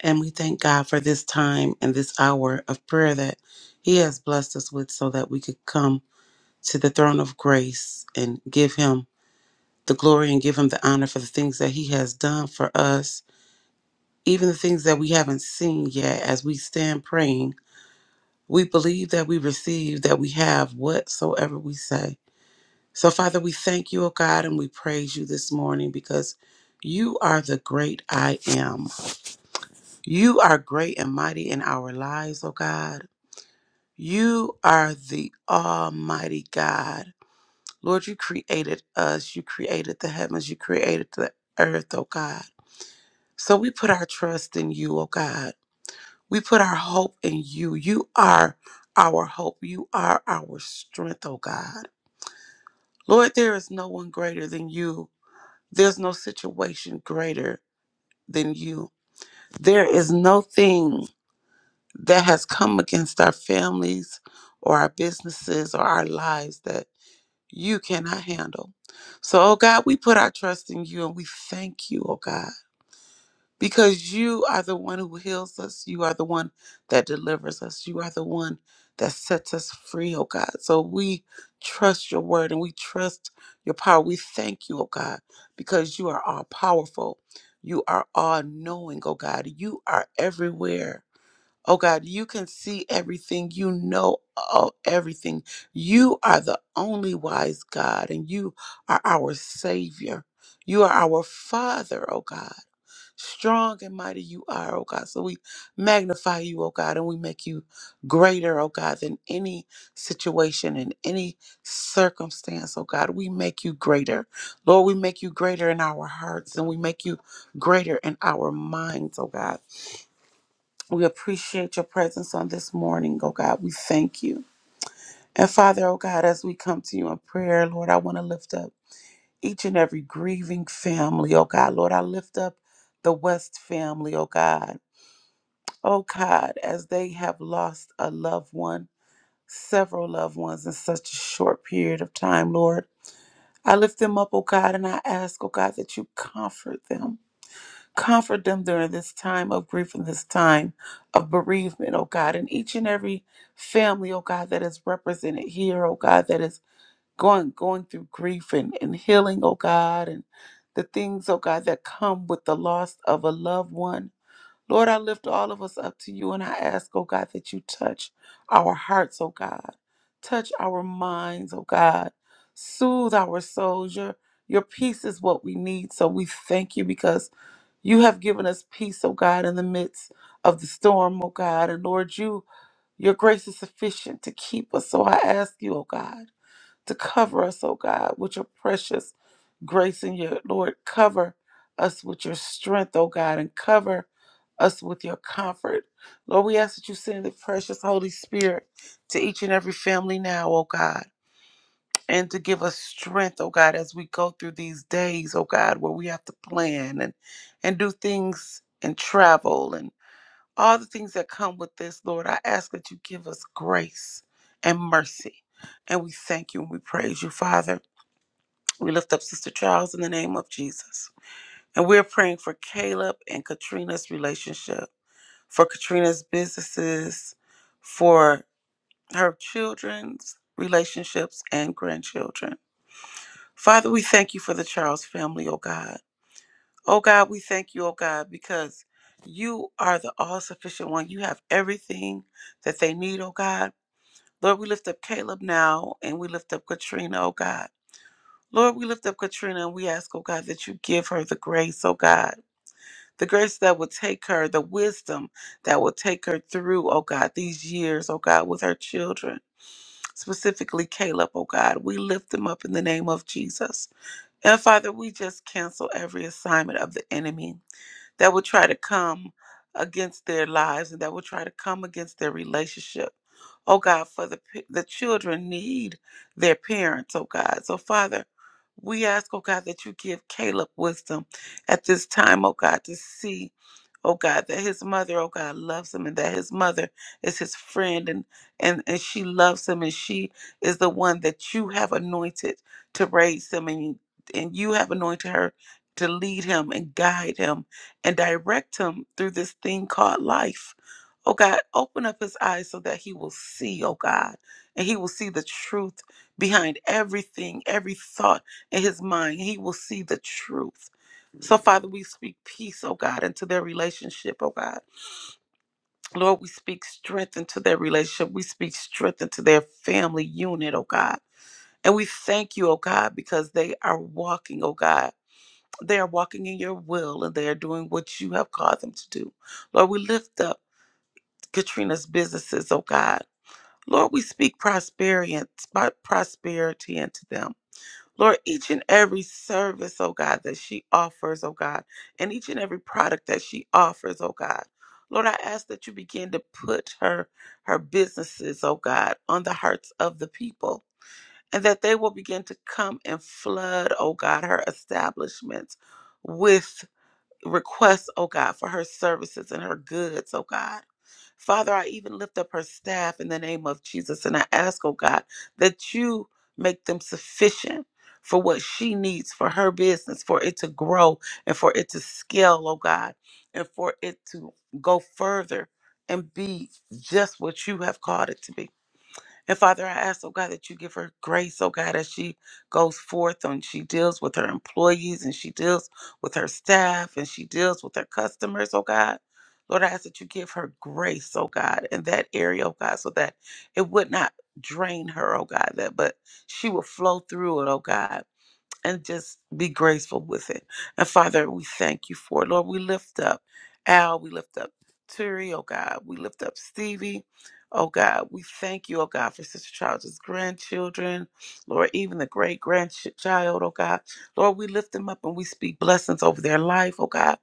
[SPEAKER 6] And we thank God for this time and this hour of prayer that He has blessed us with so that we could come to the throne of grace and give Him the glory and give Him the honor for the things that He has done for us, even the things that we haven't seen yet as we stand praying We believe that we receive, that we have whatsoever we say. So, Father, we thank you, O God, and we praise you this morning because you are the great I am. You are great and mighty in our lives, O God. You are the Almighty God. Lord, you created us, you created the heavens, you created the earth, O God. So we put our trust in you, O God. We put our hope in you. You are our hope. You are our strength, oh God. Lord, there is no one greater than you. There's no situation greater than you. There is no thing that has come against our families or our businesses or our lives that you cannot handle. So, oh God, we put our trust in you and we thank you, oh God. because you are the one who heals us. You are the one that delivers us. You are the one that sets us free, oh God. So we trust your word and we trust your power. We thank you, oh God, because you are all powerful. You are all knowing, oh God. You are everywhere. Oh God, you can see everything. You know all, everything. You are the only wise God and you are our Savior. You are our Father, oh God. Strong and mighty you are, oh God. So we magnify you, oh God, and we make you greater, oh God, than any situation and any circumstance, oh God. We make you greater. Lord, we make you greater in our hearts and we make you greater in our minds, oh God. We appreciate your presence on this morning, oh God. We thank you. And Father, oh God, as we come to you in prayer, Lord, I want to lift up each and every grieving family, oh God. Lord, I lift up the West family, oh God. Oh God, as they have lost a loved one, several loved ones in such a short period of time, Lord, I lift them up, oh God, and I ask, oh God, that you comfort them. Comfort them during this time of grief and this time of bereavement, oh God, and each and every family, oh God, that is represented here, oh God, that is going going through grief and, and healing, oh God, and the things, oh God, that come with the loss of a loved one. Lord, I lift all of us up to you and I ask, oh God, that you touch our hearts, oh God. Touch our minds, oh God. Soothe our souls. Your, your peace is what we need. So we thank you because you have given us peace, oh God, in the midst of the storm, oh God. And Lord, you your grace is sufficient to keep us. So I ask you, oh God to cover us, oh God, with your precious grace and your Lord, cover us with your strength, oh God, and cover us with your comfort. Lord, we ask that you send the precious Holy Spirit to each and every family now, oh God, and to give us strength, oh God, as we go through these days, oh God, where we have to plan and and do things and travel and all the things that come with this, Lord. I ask that you give us grace and mercy. And we thank you and we praise you, Father. We lift up Sister Charles in the name of Jesus. And we're praying for Caleb and Katrina's relationship, for Katrina's businesses, for her children's relationships and grandchildren. Father, we thank you for the Charles family, oh God. Oh God, we thank you, oh God, because you are the all sufficient one. You have everything that they need, oh God. Lord, we lift up Caleb now and we lift up Katrina, oh God. Lord, we lift up Katrina and we ask, oh God, that you give her the grace, oh God, the grace that will take her, the wisdom that will take her through, oh God, these years, oh God, with her children, specifically Caleb, oh God. We lift them up in the name of Jesus. And Father, we just cancel every assignment of the enemy that will try to come against their lives and that will try to come against their relationship. Oh God, for the p- the children need their parents, oh God. So Father, we ask, oh God, that you give Caleb wisdom at this time, oh God, to see, oh God, that his mother, oh God, loves him and that his mother is his friend and and, and she loves him and she is the one that you have anointed to raise him and and you have anointed her to lead him and guide him and direct him through this thing called life. Oh God, open up his eyes so that he will see, oh God, and he will see the truth behind everything, every thought in his mind. He will see the truth. So, Father, we speak peace, oh God, into their relationship, oh God. Lord, we speak strength into their relationship. We speak strength into their family unit, oh God. And we thank you, oh God, because they are walking, oh God. They are walking in your will and they are doing what you have called them to do. Lord, we lift up Katrina's businesses, oh God. Lord, we speak prosperity and prosperity into them. Lord, each and every service, oh God, that she offers, oh God, and each and every product that she offers, oh God. Lord, I ask that you begin to put her her businesses, oh God, on the hearts of the people. And that they will begin to come and flood, oh God, her establishments with requests, oh God, for her services and her goods, oh God. Father, I even lift up her staff in the name of Jesus and I ask, oh God, that you make them sufficient for what she needs for her business, for it to grow and for it to scale, oh God, and for it to go further and be just what you have called it to be. And Father, I ask, oh God, that you give her grace, oh God, as she goes forth and she deals with her employees and she deals with her staff and she deals with her customers, oh God. Lord, I ask that you give her grace, oh God, in that area, oh God, so that it would not drain her, oh God, that but she will flow through it, oh God and just be graceful with it. And Father, we thank you for it. Lord, we lift up Al, we lift up Turi, oh God, we lift up Stevie. Oh God, we thank you, oh God, for Sister Child's grandchildren, Lord, even the great grandchild, oh God. Lord, we lift them up and we speak blessings over their life, oh God.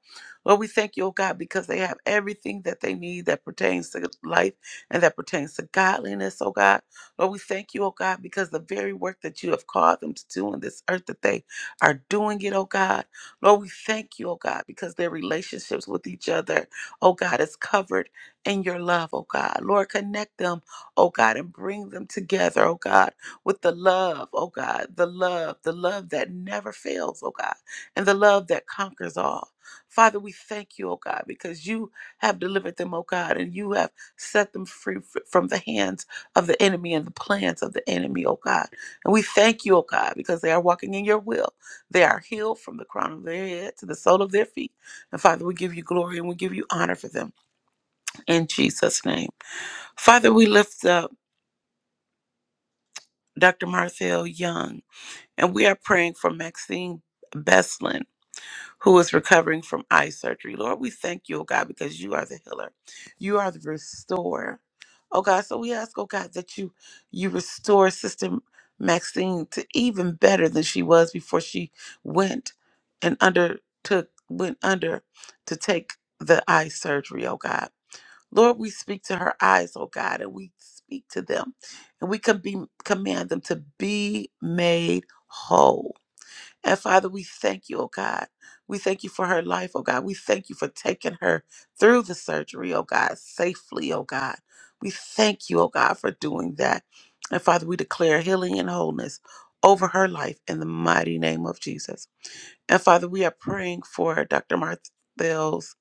[SPEAKER 6] Lord, we thank you, oh God, because they have everything that they need that pertains to life and that pertains to godliness, oh God. Lord, we thank you, oh God, because the very work that you have called them to do on this earth, that they are doing it, oh God. Lord, we thank you, oh God, because their relationships with each other, oh God, is covered in your love, oh God. Lord, connect them, oh God, and bring them together, oh God, with the love, oh God, the love, the love that never fails, oh God, and the love that conquers all. Father, we thank you, oh God, because you have delivered them, oh God, and you have set them free f- from the hands of the enemy and the plans of the enemy, oh God. And we thank you, oh God, because they are walking in your will. They are healed from the crown of their head to the sole of their feet. And Father, we give you glory and we give you honor for them in Jesus' name. Father, we lift up Dr. Marcel Young and we are praying for Maxine Beslin who is recovering from eye surgery. Lord, we thank you, oh God, because you are the healer. You are the restorer. Oh God, so we ask, oh God, that you you restore Sister Maxine to even better than she was before she went and undertook went under to take the eye surgery, oh God. Lord, we speak to her eyes, oh God, and we speak to them, and we can be command them to be made whole. And Father, we thank you, oh God. We thank you for her life, oh God. We thank you for taking her through the surgery, oh God, safely, oh God. We thank you, oh God, for doing that. And Father, we declare healing and wholeness over her life in the mighty name of Jesus. And Father, we are praying for Dr. Martell's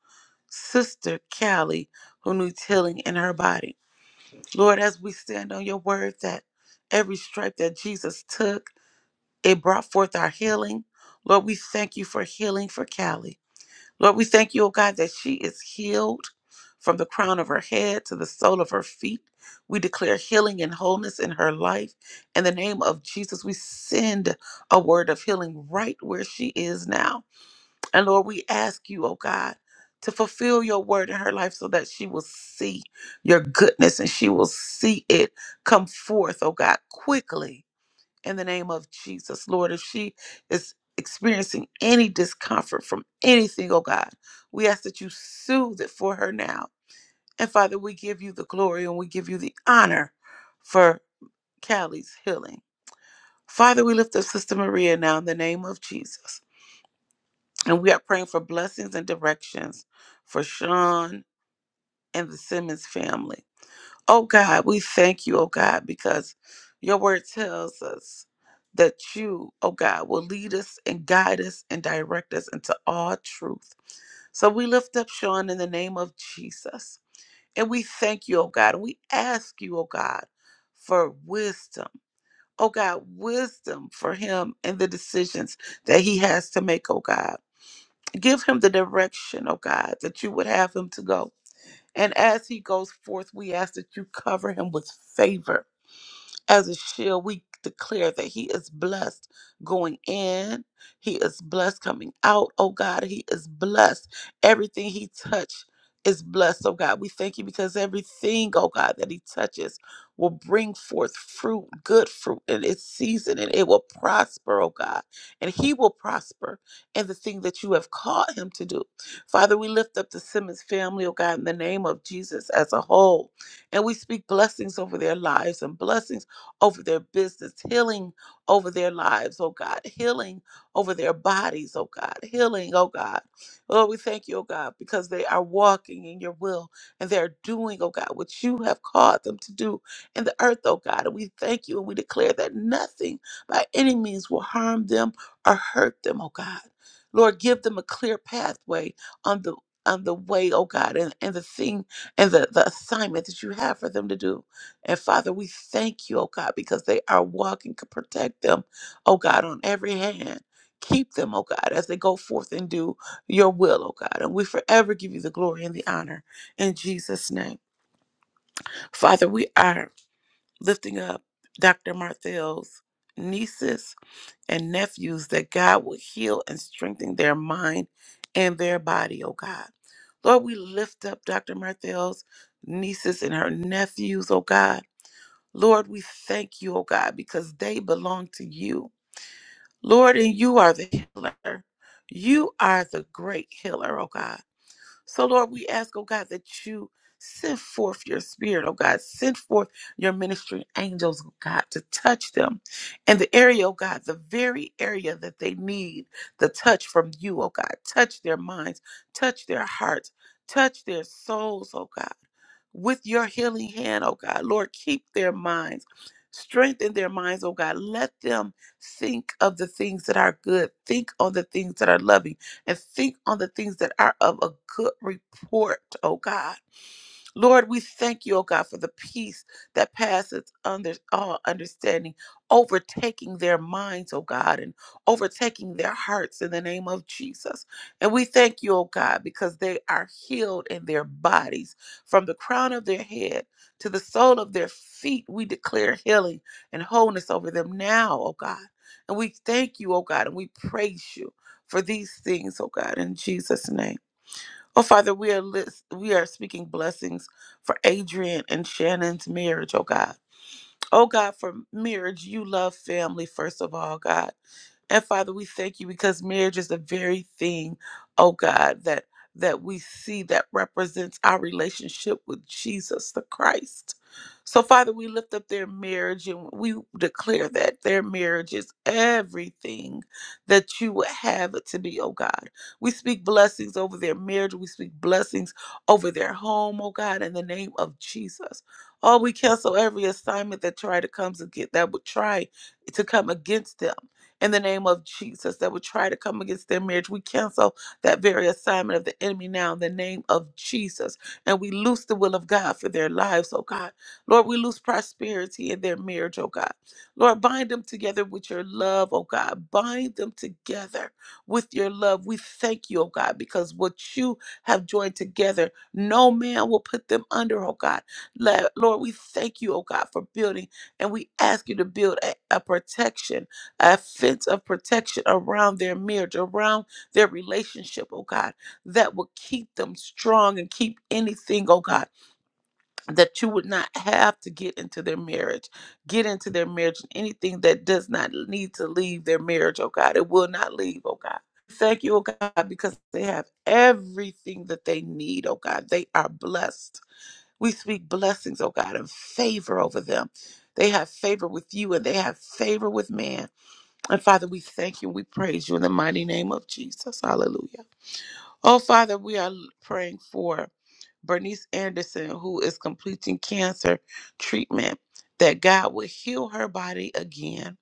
[SPEAKER 6] sister, Callie, who needs healing in her body. Lord, as we stand on your word that every stripe that Jesus took, it brought forth our healing. Lord, we thank you for healing for Callie. Lord, we thank you, oh God, that she is healed from the crown of her head to the sole of her feet. We declare healing and wholeness in her life. In the name of Jesus, we send a word of healing right where she is now. And Lord, we ask you, oh God, to fulfill your word in her life so that she will see your goodness and she will see it come forth, oh God, quickly in the name of Jesus. Lord, if she is experiencing any discomfort from anything, oh God, we ask that you soothe it for her now. And Father, we give you the glory and we give you the honor for Callie's healing. Father, we lift up Sister Maria now in the name of Jesus. And we are praying for blessings and directions for Sean and the Simmons family. Oh God, we thank you, oh God, because your word tells us that you, oh God, will lead us and guide us and direct us into all truth. So we lift up Sean in the name of Jesus. And we thank you, oh God. And we ask you, oh God, for wisdom. Oh God, wisdom for him and the decisions that he has to make, oh God. Give him the direction, oh God, that you would have him to go. And as he goes forth, we ask that you cover him with favor as a shield, we declare that he is blessed going in. He is blessed coming out. Oh God, he is blessed. Everything he touched is blessed. Oh God, we thank you because everything, oh God, that he touches will bring forth fruit, good fruit in its season, and it will prosper, oh God. And he will prosper in the thing that you have called him to do. Father, we lift up the Simmons family, oh God, in the name of Jesus as a whole and we speak blessings over their lives and blessings over their business, healing over their lives, oh God, healing over their bodies, oh God, healing, oh God. Lord, we thank you, oh God, because they are walking in your will and they're doing, oh God, what you have called them to do in the earth, oh God. And we thank you and we declare that nothing by any means will harm them or hurt them, oh God. Lord, give them a clear pathway on the on the way, oh God, and, and the thing and the, the assignment that you have for them to do. And Father, we thank you, oh God, because they are walking. to Protect them, oh God, on every hand. Keep them, oh God, as they go forth and do your will, oh God. And we forever give you the glory and the honor in Jesus' name. Father, we are lifting up Dr. Marthel's nieces and nephews that God will heal and strengthen their mind and their body, oh God. Lord, we lift up Dr. Marthel's nieces and her nephews, oh God. Lord, we thank you, oh God, because they belong to you. Lord, and you are the healer. You are the great healer, oh God. So, Lord, we ask, oh God, that you send forth your spirit, oh God. Send forth your ministry angels, oh God, to touch them in the area, oh God, the very area that they need the touch from you, oh God. Touch their minds, touch their hearts, touch their souls, oh God with your healing hand, oh God. Lord, keep their minds, strengthen their minds, oh God. Let them think of the things that are good, think on the things that are loving, and think on the things that are of a good report, oh God. Lord, we thank you, oh God, for the peace that passes under all understanding, overtaking their minds, oh God, and overtaking their hearts in the name of Jesus. And we thank you, oh God, because they are healed in their bodies from the crown of their head to the sole of their feet. We declare healing and wholeness over them now, oh God. And we thank you, oh God, and we praise you for these things, oh God, in Jesus' name. Oh, Father, we are lis- we are speaking blessings for Adrian and Shannon's marriage, oh God. Oh God, for marriage, you love family, first of all, God. And Father, we thank you because marriage is the very thing, oh God, that that we see that represents our relationship with Jesus the Christ. So Father, we lift up their marriage and we declare that their marriage is everything that you would have it to be, oh God. We speak blessings over their marriage. We speak blessings over their home, oh God, in the name of Jesus. Oh, we cancel every assignment that try to comes against that would try to come against them in the name of Jesus that would try to come against their marriage. We cancel that very assignment of the enemy now in the name of Jesus. And we loose the will of God for their lives, oh God. Lord, we loose prosperity in their marriage, oh God. Lord, bind them together with your love, oh God. Bind them together with your love. We thank you, oh God, because what you have joined together, no man will put them under, oh God. Le- Lord, we thank you, oh God, for building, and we ask you to build a, a protection a fence of protection around their marriage, around their relationship, oh God, that will keep them strong and keep anything, oh God, that you would not have to get into their marriage, get into their marriage, and anything that does not need to leave their marriage, oh God, it will not leave, oh God. Thank you, oh God, because they have everything that they need, oh God. They are blessed. We speak blessings, oh God, and favor over them. They have favor with you and they have favor with man. And Father, we thank you. We praise you in the mighty name of Jesus. Hallelujah. Oh, Father, we are praying for Bernice Anderson, who is completing cancer treatment, that God would heal her body again.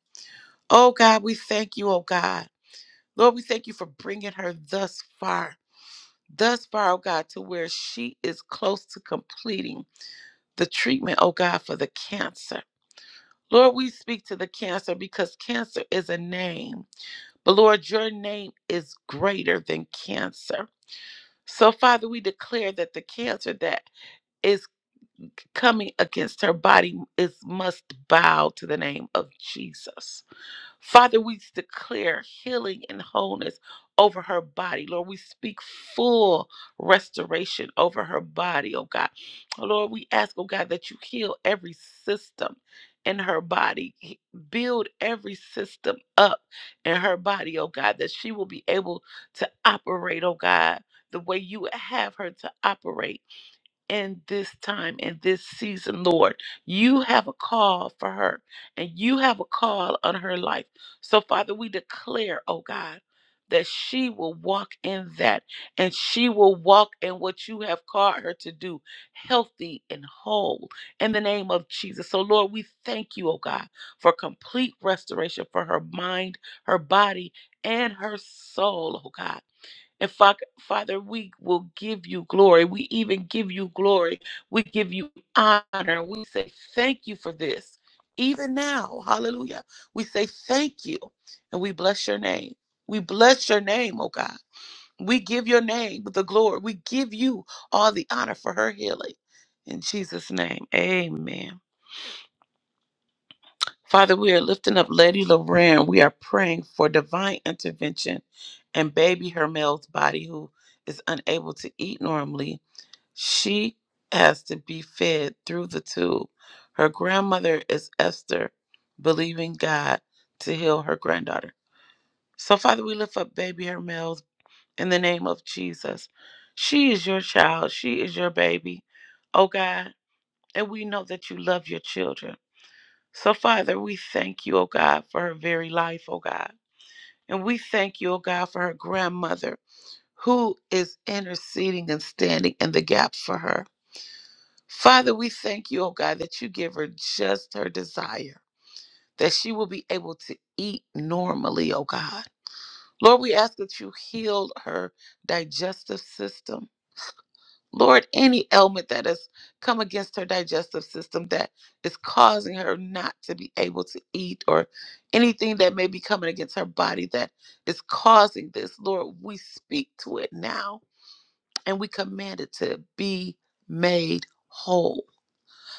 [SPEAKER 6] Oh, God, we thank you, oh, God. Lord, we thank you for bringing her thus far, thus far, oh, God, to where she is close to completing the treatment, oh, God, for the cancer. Lord, we speak to the cancer because cancer is a name. But Lord, your name is greater than cancer. So, Father, we declare that the cancer that is coming against her body is must bow to the name of Jesus. Father, we declare healing and wholeness over her body. Lord, we speak full restoration over her body, oh God. Lord, we ask, oh God, that you heal every system in her body, He- build every system up in her body, oh God, that she will be able to operate, oh God, the way you would have her to operate in this time, in this season, Lord. You have a call for her, and you have a call on her life. So, Father, we declare, oh God, that she will walk in that, and she will walk in what you have called her to do, healthy and whole, in the name of Jesus. So, Lord, we thank you, oh God, for complete restoration for her mind, her body, and her soul, oh God. And Fa- Father, we will give you glory. We even give you glory. We give you honor. We say thank you for this. Even now, hallelujah. We say thank you and we bless your name. We bless your name, oh God. We give your name the glory. We give you all the honor for her healing. In Jesus' name, amen. Father, we are lifting up Lady Loran. We are praying for divine intervention and baby Hermel's body, who is unable to eat normally. She has to be fed through the tube. Her grandmother is Esther, believing God to heal her granddaughter. So, Father, we lift up baby Hermel's in the name of Jesus. She is your child. She is your baby. Oh, God. And we know that you love your children. So, Father, we thank you, O God, for her very life, O God. And we thank you, O God, for her grandmother who is interceding and standing in the gap for her. Father, we thank you, O God, that you give her just her desire, that she will be able to eat normally, O God. Lord, we ask that you heal her digestive system. Lord, any ailment that has come against her digestive system that is causing her not to be able to eat, or anything that may be coming against her body that is causing this, Lord, we speak to it now and we command it to be made whole.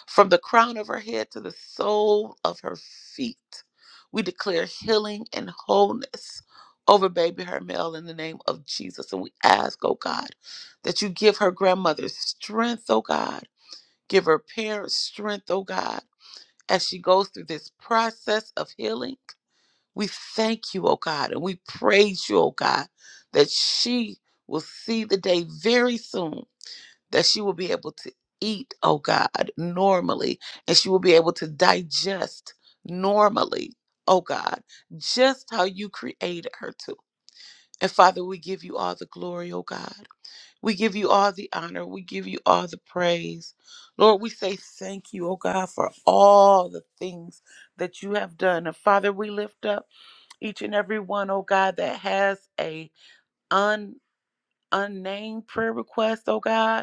[SPEAKER 6] From the crown of her head to the sole of her feet, we declare healing and wholeness over baby Hermel in the name of Jesus. And we ask, oh God, that you give her grandmother strength, oh God. Give her parents strength, oh God, as she goes through this process of healing. We thank you, oh God, and we praise you, oh God, that she will see the day very soon that she will be able to eat, oh God, normally, and she will be able to digest normally, oh God, just how you created her to. And Father, we give you all the glory, oh God. We give you all the honor. We give you all the praise. Lord, we say thank you, oh God, for all the things that you have done. And Father, we lift up each and every one, oh God, that has a un unnamed prayer request, oh God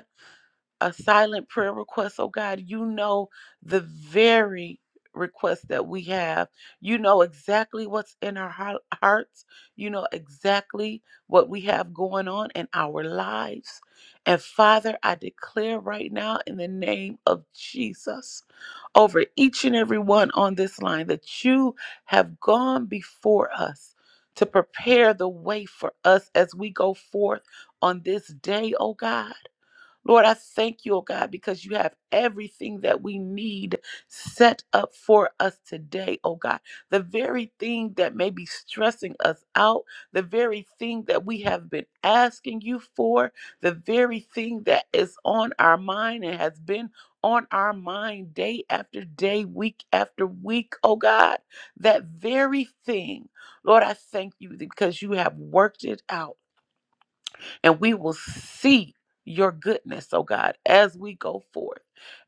[SPEAKER 6] a silent prayer request. Oh God, you know the very request that we have. You know exactly what's in our heart- hearts. You know exactly what we have going on in our lives. And Father, I declare right now in the name of Jesus over each and every one on this line that you have gone before us to prepare the way for us as we go forth on this day, oh God. Lord, I thank you, oh God, because you have everything that we need set up for us today, oh God. The very thing that may be stressing us out, the very thing that we have been asking you for, the very thing that is on our mind and has been on our mind day after day, week after week, oh God. That very thing, Lord, I thank you because you have worked it out and we will see your goodness, oh God, as we go forth.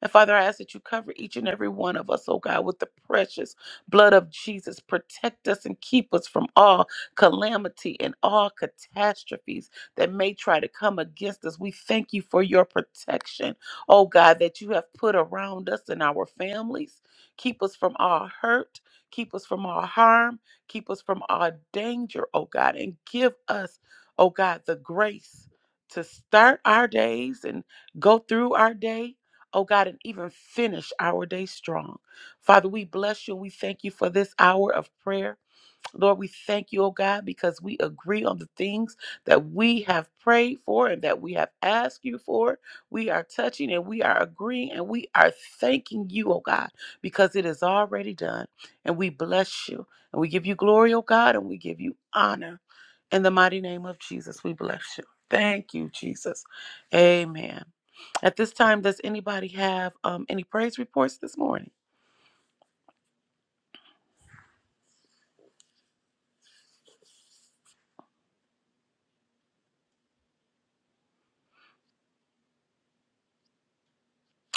[SPEAKER 6] And Father, I ask that you cover each and every one of us, oh God, with the precious blood of Jesus. Protect us and keep us from all calamity and all catastrophes that may try to come against us. We thank you for your protection, oh God, that you have put around us and our families. Keep us from all hurt. Keep us from all harm. Keep us from all danger, oh God, and give us oh God, the grace to start our days and go through our day, oh God, and even finish our day strong. Father, we bless you. We thank you for this hour of prayer. Lord, we thank you, oh God, because we agree on the things that we have prayed for and that we have asked you for. We are touching and we are agreeing and we are thanking you, oh God, because it is already done. And we bless you and we give you glory, oh God, and we give you honor. In the mighty name of Jesus, we bless you. Thank you, Jesus. Amen. At this time, does anybody have um, any praise reports this morning?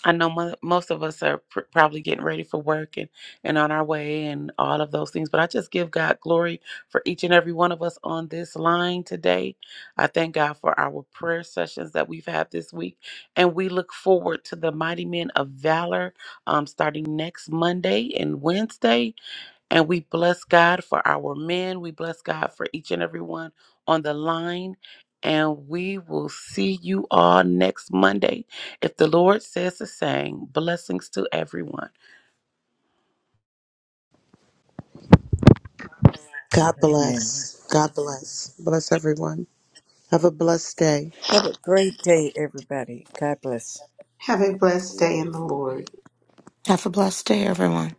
[SPEAKER 6] I know mo- most of us are pr- probably getting ready for work and, and on our way and all of those things, but I just give God glory for each and every one of us on this line today. I thank God for our prayer sessions that we've had this week, and we look forward to the Mighty Men of Valor um, starting next Monday and Wednesday. And we bless God for our men. We bless God for each and every one on the line. And we will see you all next Monday. If the Lord says the same, blessings to everyone.
[SPEAKER 4] God
[SPEAKER 3] Amen.
[SPEAKER 4] One.
[SPEAKER 3] Have a great day, everybody. God bless.
[SPEAKER 5] Have a blessed day in the
[SPEAKER 3] Wonderful.
[SPEAKER 5] Lord.
[SPEAKER 2] Have a blessed day, everyone.